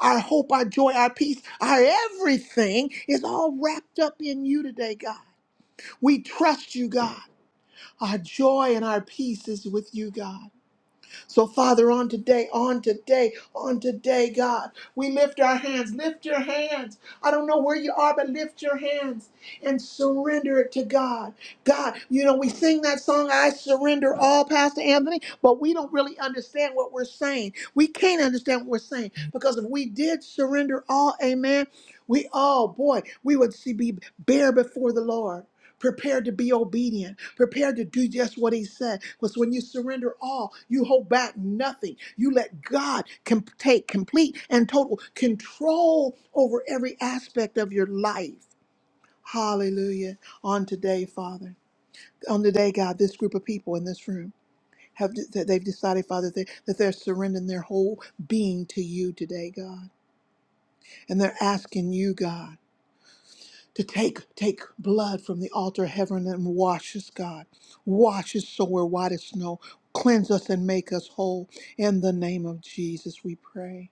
[SPEAKER 1] Our hope, our joy, our peace, our everything is all wrapped up in you today, God. We trust you, God. Our joy and our peace is with you, God. So, Father, on today, on today, on today, God, we lift our hands. Lift your hands. I don't know where you are, but lift your hands and surrender it to God. God, you know, we sing that song, I surrender all, Pastor Anthony, but we don't really understand what we're saying. We can't understand what we're saying because if we did surrender all, amen, we, oh boy, we would see, be bare before the Lord prepared to be obedient, prepared to do just what he said. Because when you surrender all, you hold back nothing. You let God com- take complete and total control over every aspect of your life. Hallelujah. On today, Father, on today, God, this group of people in this room have that they've decided, Father, that, that they're surrendering their whole being to you today, God. And they're asking you, God. to take take blood from the altar of heaven and wash us, God. Wash us so we're white as snow. Cleanse us and make us whole. In the name of Jesus, we pray.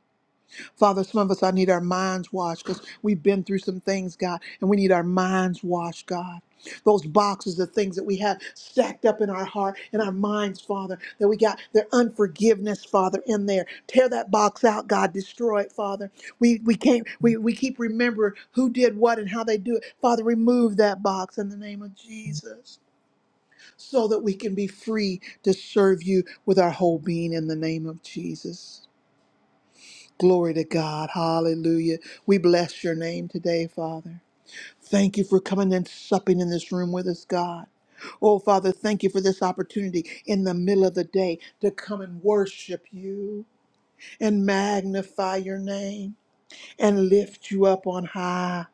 [SPEAKER 1] Father, some of us, I need our minds washed because we've been through some things, God, and we need our minds washed, God. Those boxes of things that we have stacked up in our heart and our minds, Father, that we got their unforgiveness, Father, in there. Tear that box out, God. Destroy it, Father. We we can't we, we keep remembering who did what and how they do it. Father, remove that box in the name of Jesus. So that we can be free to serve you with our whole being in the name of Jesus. Glory to God. Hallelujah. We bless your name today, Father. Thank you for coming and supping in this room with us, God. Oh, Father, thank you for this opportunity in the middle of the day to come and worship you and magnify your name and lift you up on high.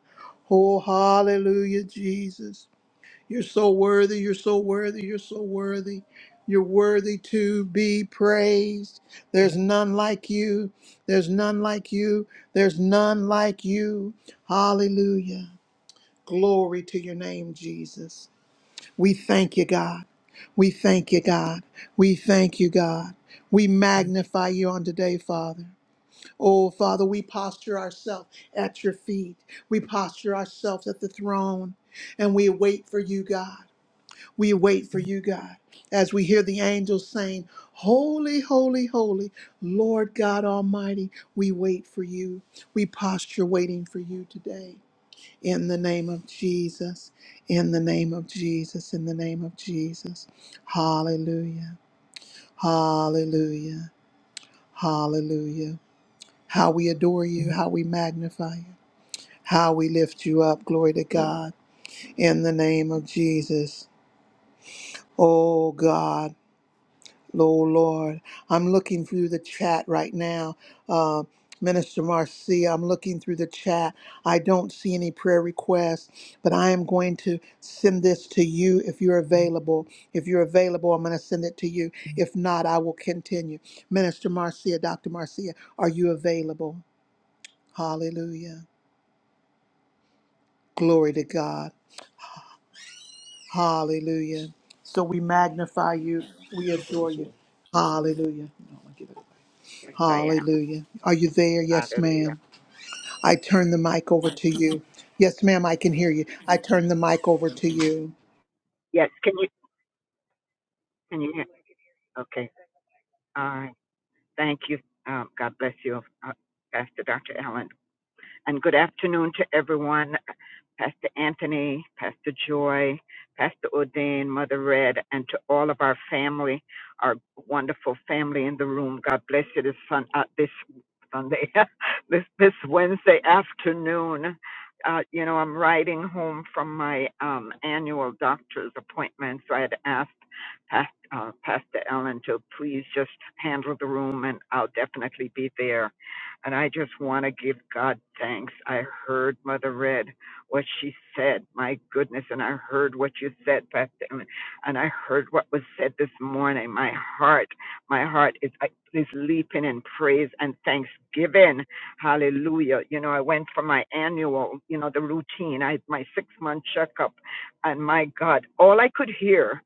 [SPEAKER 1] Oh, hallelujah, Jesus. You're so worthy. You're so worthy. You're so worthy. You're worthy to be praised. There's none like you. There's none like you. There's none like you. Hallelujah. Glory to your name, Jesus. We thank you, God. We thank you, God. We thank you, God. We magnify you on today, Father. Oh, Father, we posture ourselves at your feet. We posture ourselves at the throne and we wait for you, God. We wait for you, God, as we hear the angels saying, Holy, holy, holy, Lord God Almighty, we wait for you. We posture waiting for you today. In the name of Jesus, in the name of Jesus, in the name of Jesus. Hallelujah, hallelujah, hallelujah. How we adore you, how we magnify you, how we lift you up. Glory to God. In the name of Jesus. Oh God. Oh Lord, I'm looking through the chat right now. Uh, Minister Marcia, I'm looking through the chat. I don't see any prayer requests, but I am going to send this to you if you're available. If you're available, I'm going to send it to you. If not, I will continue. Minister Marcia, Dr. Marcia, are you available? Hallelujah. Glory to God. Hallelujah. So we magnify you, we adore you. Hallelujah.
[SPEAKER 6] Yes, I am.
[SPEAKER 1] Hallelujah. Are you there? Yes, ma'am.
[SPEAKER 6] Hallelujah.
[SPEAKER 1] I turn the mic over to you. Yes, ma'am, I can hear you. I turn the mic over to you.
[SPEAKER 6] Yes, can you? Can you hear? Okay. All right. Thank you. Um, God bless you, uh, Pastor Dr. Allen and good afternoon to everyone. Pastor Anthony, Pastor Joy, Pastor Ordain, Mother Red, and to all of our family, our wonderful family in the room. God bless you this sun uh, this Sunday, this this Wednesday afternoon. Uh, you know, I'm riding home from my um, annual doctor's appointment, so I had asked Past, uh, Pastor Ellen to please just handle the room, and I'll definitely be there and I just want to give God thanks. I heard Mother Red, what she said. My goodness. And I heard what you said, Pastor. And I heard what was said this morning. My heart, my heart is, is leaping in praise and thanksgiving. Hallelujah. You know, I went for my annual, you know, the routine. I had my six month checkup. And my God, all I could hear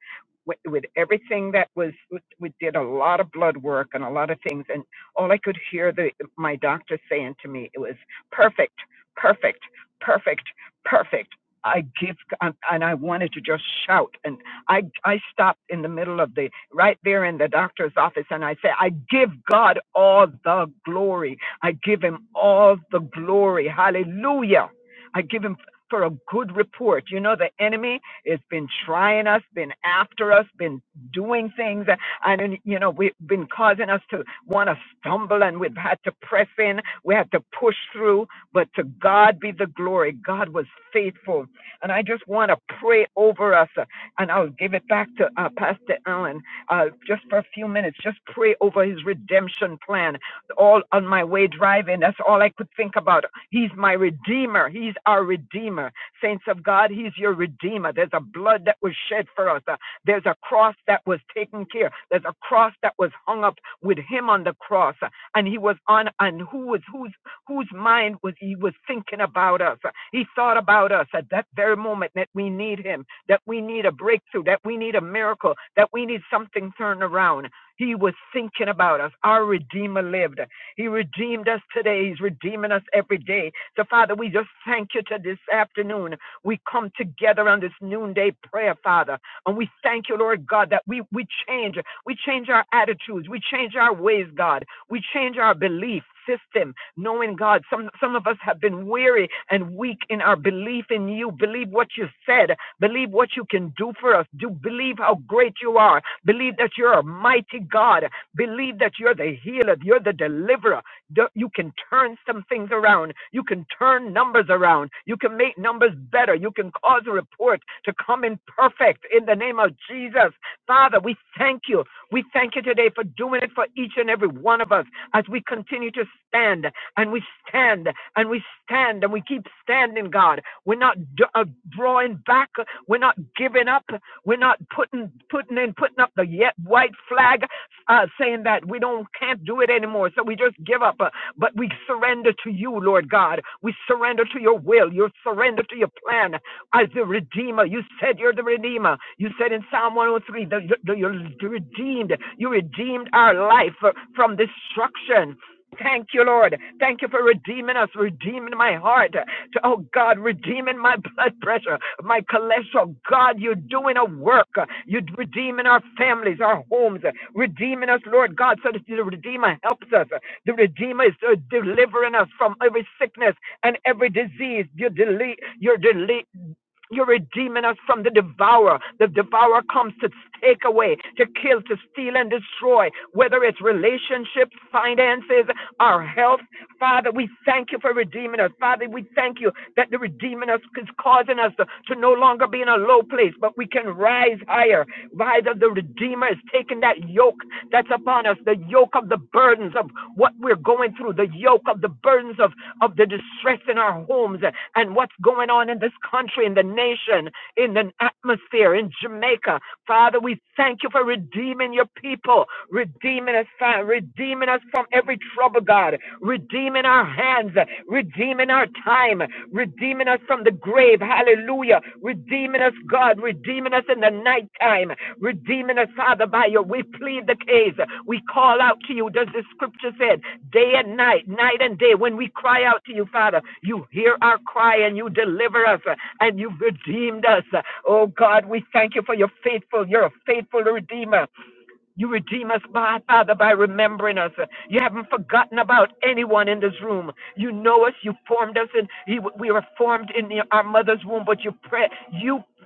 [SPEAKER 6] with, with everything that was we did a lot of blood work and a lot of things and. All I could hear the my doctor saying to me, it was perfect, perfect, perfect, perfect. I give um, and I wanted to just shout and I I stopped in the middle of the right there in the doctor's office and I said I give God all the glory. I give him all the glory. Hallelujah. I give him for a good report. You know the enemy has been trying us, been after us, been doing things and, you know, we've been causing us to want to stumble and we've had to press in. We had to push through, but to God be the glory. God was faithful. And I just want to pray over us. uh, And I'll give it back to uh, Pastor Allen uh, just for a few minutes. Just pray over his redemption plan. All on my way driving, that's all I could think about. He's my redeemer. He's our redeemer. Saints of God, he's your redeemer. There's a blood that was shed for us. There's a cross that was taken care. There's a cross that was hung up with him on the cross, uh, and he was on. And who was whose whose mind was he was thinking about us? Uh, He thought about us at that very moment that we need him, that we need a breakthrough, that we need a miracle, that we need something turned around. He was thinking about us. Our Redeemer lived. He redeemed us today. He's redeeming us every day. So, Father, we just thank you to this afternoon. We come together on this noonday prayer, Father. And we thank you, Lord God, that we, we change. We change our attitudes. We change our ways, God. We change our belief system, knowing God. Some some of us have been weary and weak in our belief in you. Believe what you said. Believe what you can do for us. Do believe how great you are. Believe that you're a mighty God. Believe that you're the healer. You're the deliverer. You can turn some things around. You can turn numbers around. You can make numbers better. You can cause a report to come in perfect in the name of Jesus. Father, we thank you. We thank you today for doing it for each and every one of us as we continue to stand and we stand and we stand and we keep standing, God. We're not uh, drawing back. We're not giving up. We're not putting putting in putting up the yet white flag uh, saying that we don't can't do it anymore, so we just give up. Uh, but we surrender to you, Lord God. We surrender to your will. You surrender to your plan as the redeemer. You said you're the redeemer. You said in Psalm 103 that you- that you're redeemed. You redeemed our life uh, from destruction. Thank you, Lord. Thank you for redeeming us, redeeming my heart to, oh God, redeeming my blood pressure, my cholesterol. God, you're doing a work. You're redeeming our families, our homes, redeeming us, Lord God, so that the Redeemer helps us. The Redeemer is uh, delivering us from every sickness and every disease. You're, dele- you're dele- you're redeeming us from the devourer. The devourer comes to take away, to kill, to steal, and destroy, whether it's relationships, finances, our health, Father, we thank you for redeeming us. Father, we thank you that the redeeming us is causing us to, to no longer be in a low place, but we can rise higher. Rise of the Redeemer is taking that yoke that's upon us, the yoke of the burdens of what we're going through, the yoke of the burdens of, of the distress in our homes and and what's going on in this country, in the nation in an atmosphere in Jamaica. Father, we thank you for redeeming your people, redeeming us, fa- redeeming us from every trouble, God, redeeming our hands, redeeming our time, redeeming us from the grave. Hallelujah. Redeeming us, God, redeeming us in the night time, redeeming us, Father, by your. We plead the case. We call out to you, does the scripture said, day and night, night and day. When we cry out to you, Father, you hear our cry and you deliver us uh, and you've redeemed us. Oh God, we thank you for your faithful. You're a faithful redeemer. You redeem us, by, Father, by remembering us. You haven't forgotten about anyone in this room. You know us. You formed us, and we were formed in the- our mother's womb. But you pray.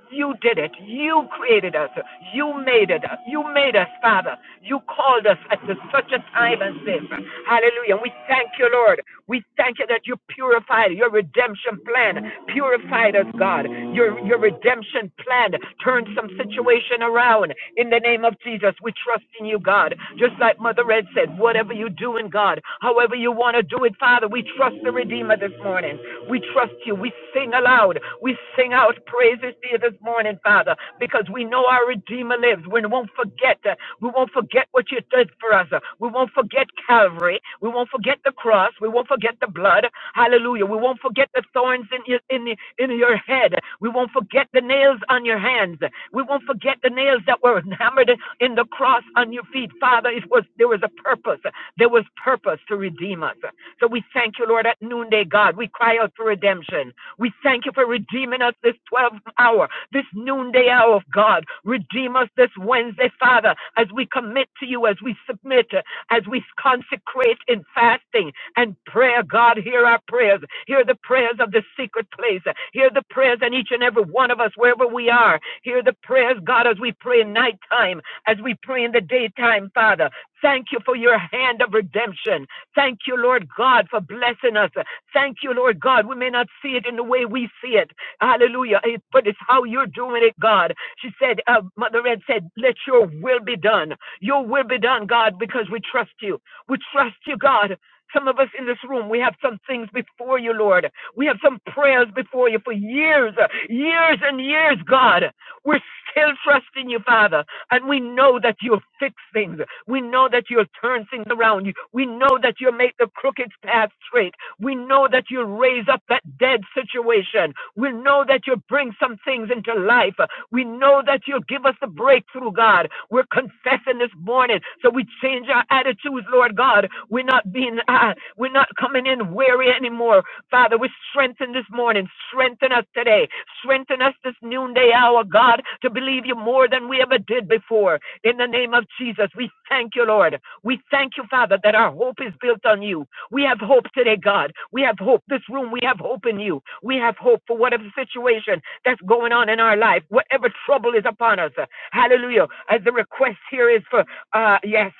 [SPEAKER 6] You did it. You created us. You made it. You made us, Father. You called us at such a time as this. Hallelujah. we thank you, Lord. We thank you that you purified your redemption plan. Purified us, God. Your, your redemption plan turned some situation around. In the name of Jesus, we trust in you, God. Just like Mother Red said, whatever you do in God, however you want to do it, Father, we trust the Redeemer this morning morning. We trust you. We sing aloud. We sing out praises to you this morning, Father, because we know our Redeemer lives. We won't forget. uh, We won't forget what you did for us. uh, We won't forget Calvary. We won't forget the cross. We won't forget the blood. Hallelujah. We won't forget the thorns in your, in, the, in your head. We won't forget the nails on your hands. We won't forget the nails that were hammered in the cross on your feet. Father, it was there was a purpose. There was purpose to redeem us. So we thank you, Lord, at noonday, God. We cry out for redemption. We thank you for redeeming us this 12th hour, this noonday hour of God. Redeem us this Wednesday, Father, as we commit to you, as we submit, as we consecrate in fasting and prayer. God, hear our prayers. Hear the prayers of the secret place. Hear the prayers in each and every one of us, wherever we are. Hear the prayers, God, as we pray in nighttime, as we pray in the daytime, Father. Thank you for your hand of redemption. Thank you, Lord God, for blessing us. Thank you, Lord God. We may not see it in the way we see it. Hallelujah. Eh, But it's how you're doing it, God. She said, uh, Mother Ed said, let your will be done. Your will be done, God, because we trust you. We trust you, God. Some of us in this room, we have some things before you, Lord. We have some prayers before you for years, uh, years and years, God. We're still trusting you, Father. And we know that you'll fix things. We know that you'll turn things around. We know that you'll make the crooked path straight. We know that you'll raise up that dead situation. We know that you'll bring some things into life. We know that you'll give us the breakthrough, God. We're confessing this morning. So we change our attitudes, Lord God. We're not being, uh, we're not coming in weary anymore. Father, we strengthen this morning. Strengthen us today. Strengthen us this noonday hour, God, to believe you more than we ever did before. In the name of Jesus, we thank you, Lord. We thank you, Father, that our hope is built on you. We have hope today, God. We have hope. This room, we have hope in you. We have hope for whatever situation that's going on in our life, whatever trouble is upon us. Hallelujah. As the request here is for, uh, yes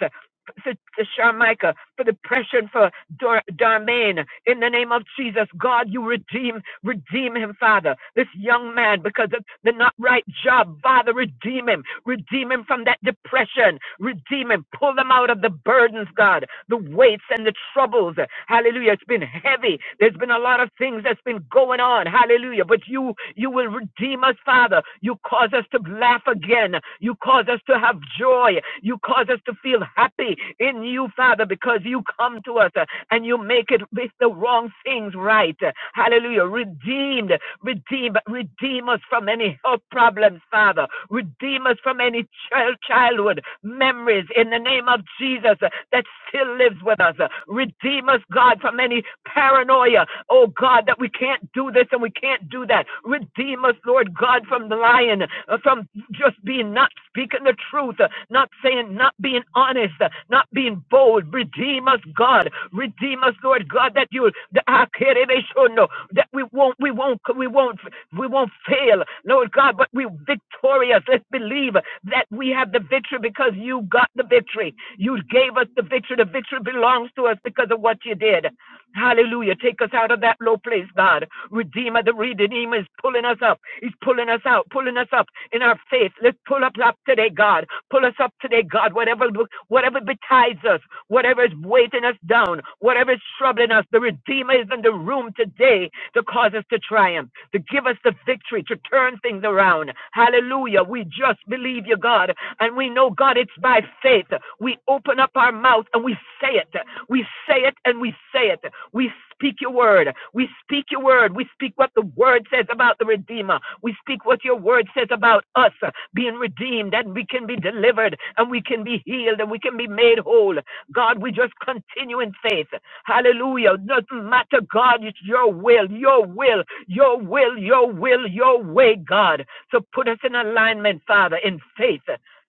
[SPEAKER 6] for, for Sharmika, for depression, for Dar- Darmaine. In the name of Jesus, God, you redeem, redeem him, Father. This young man, because of the not right job, Father, redeem him. Redeem him from that depression. Redeem him. Pull them out of the burdens, God, the weights and the troubles. Hallelujah. It's been heavy. There's been a lot of things that's been going on. Hallelujah. But you, you will redeem us, Father. You cause us to laugh again again. You cause us to have joy. You cause us to feel happy in you, Father, because you come to us uh, and you make it with the wrong things right. Hallelujah. Redeemed, redeem, redeem us from any health problems, Father. Redeem us from any child childhood memories in the name of Jesus uh, that still lives with us. Redeem us, God, from any paranoia. Oh God, that we can't do this and we can't do that. Redeem us, Lord God, from the lion, uh, from just being not speaking the truth, uh, not saying, not being honest, uh, not being bold. Redeem us, God. Redeem us, Lord God, that you the Akerebeshono, that we won't, we won't, we won't, we won't fail, Lord God, but we are victorious. Let's believe that we have the victory because you got the victory. You gave us the victory. The victory belongs to us because of what you did. Hallelujah. Take us out of that low place, God. Redeemer, the Redeemer is pulling us up. He's pulling us out, pulling us up in our faith. Let's pull up, up today, God. Pull us up today, God. Whatever whatever betides us, whatever is weighting us down, whatever is troubling us, the Redeemer is in the room today to cause us to triumph, to give us the victory, to turn things around. Hallelujah. We just believe you, God. And we know, God, it's by faith. We open up our mouth and we say it. We say it and we say it. We speak your word. We speak your word. We speak what the word says about the Redeemer. We speak what your word says about us being redeemed and we can be delivered and we can be healed and we can be made whole. God, we just continue in faith. Hallelujah. Doesn't matter, God, it's your will, your will, your will, your will, your way, God. So put us in alignment, Father, in faith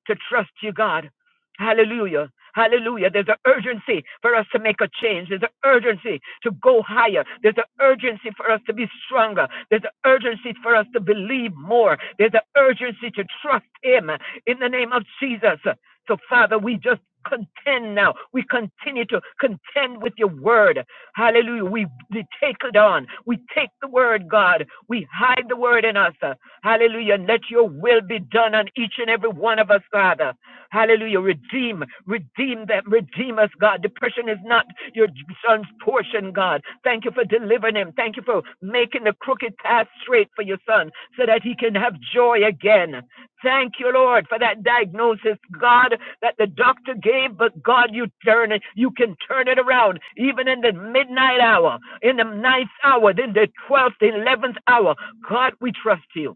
[SPEAKER 6] to trust you, God. Hallelujah. Hallelujah. There's an urgency for us to make a change. There's an urgency to go higher. There's an urgency for us to be stronger. There's an urgency for us to believe more. There's an urgency to trust Him in the name of Jesus. So, Father, we just contend now. We continue to contend with your word. Hallelujah. We, we take it on. We take the word, God. We hide the word in us. Hallelujah. Let your will be done on each and every one of us, Father. Hallelujah. Redeem, redeem them, redeem us, God. Depression is not your son's portion, God. Thank you for delivering him. Thank you for making the crooked path straight for your son so that he can have joy again. Thank you, Lord, for that diagnosis, God, that the doctor gave, but God, you turn it, you can turn it around, even in the midnight hour, in the ninth hour, then the twelfth, the eleventh hour. God, we trust you.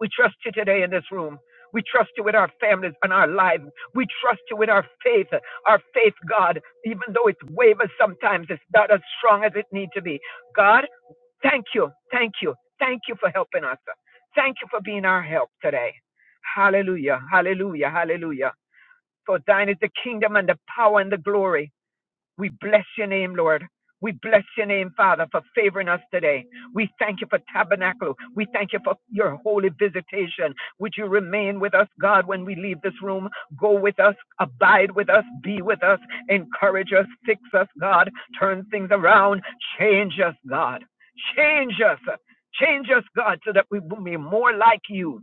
[SPEAKER 6] We trust you today in this room. We trust you with our families and our lives. We trust you with our faith. Our faith, God, even though it wavers sometimes, it's not as strong as it needs to be. God, thank you. Thank you. Thank you for helping us. Thank you for being our help today. Hallelujah. Hallelujah. Hallelujah. For thine is the kingdom and the power and the glory. We bless your name, Lord. We bless your name, Father, for favoring us today. We thank you for tabernacle. We thank you for your holy visitation. Would you remain with us, God, when we leave this room? Go with us, abide with us, be with us, encourage us, fix us, God, turn things around, change us, God. Change us. Change us, God, so that we will be more like you.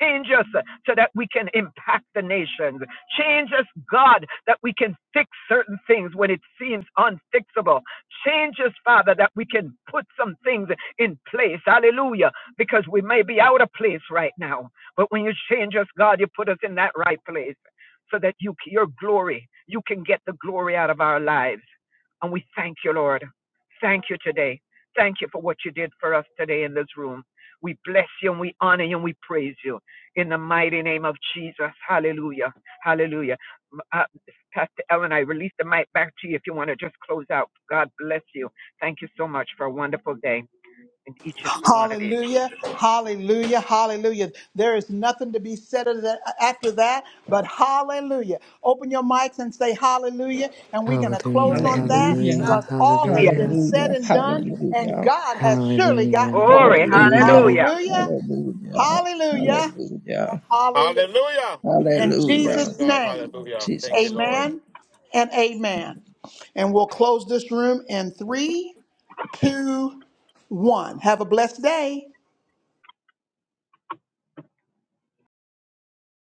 [SPEAKER 6] Change us uh, so that we can impact the nations. Change us, God, that we can fix certain things when it seems unfixable. Change us, Father, that we can put some things in place. Hallelujah. Because we may be out of place right now. But when you change us, God, you put us in that right place so that you, your glory, you can get the glory out of our lives. And we thank you, Lord. Thank you today. Thank you for what you did for us today in this room. We bless you and we honor you and we praise you in the mighty name of Jesus. Hallelujah. Hallelujah. Uh, Pastor Ellen, I release the mic back to you if you want to just close out. God bless you. Thank you so much for a wonderful day and each and every one of you.
[SPEAKER 1] Hallelujah,
[SPEAKER 6] Jesus.
[SPEAKER 1] hallelujah, hallelujah. There is nothing to be said of that- after that, but hallelujah. Open your mics and say hallelujah, and we're going to close
[SPEAKER 3] Hallelujah,
[SPEAKER 1] on that
[SPEAKER 3] hallelujah,
[SPEAKER 5] Hallelujah.
[SPEAKER 1] because all has
[SPEAKER 6] Yeah.
[SPEAKER 1] been
[SPEAKER 3] hallelujah,
[SPEAKER 1] said
[SPEAKER 5] Hallelujah.
[SPEAKER 1] and done, and
[SPEAKER 5] Hallelujah.
[SPEAKER 1] God has surely gotten
[SPEAKER 3] hallelujah.
[SPEAKER 5] Hallelujah.
[SPEAKER 1] glory.
[SPEAKER 6] Glory.
[SPEAKER 3] Amen.
[SPEAKER 6] Hallelujah.
[SPEAKER 1] Hallelujah,
[SPEAKER 5] Hallelujah.
[SPEAKER 1] hallelujah, and
[SPEAKER 5] Hallelujah.
[SPEAKER 1] hallelujah.
[SPEAKER 2] Hallelujah.
[SPEAKER 1] In
[SPEAKER 5] Hallelujah.
[SPEAKER 2] Praise
[SPEAKER 1] Jesus'
[SPEAKER 2] God.
[SPEAKER 1] name.
[SPEAKER 2] Hallelujah. Thank you,
[SPEAKER 5] Jesus. name.
[SPEAKER 2] Lord.
[SPEAKER 1] Amen and amen. And we'll close this room in three, two, one. Have a blessed day.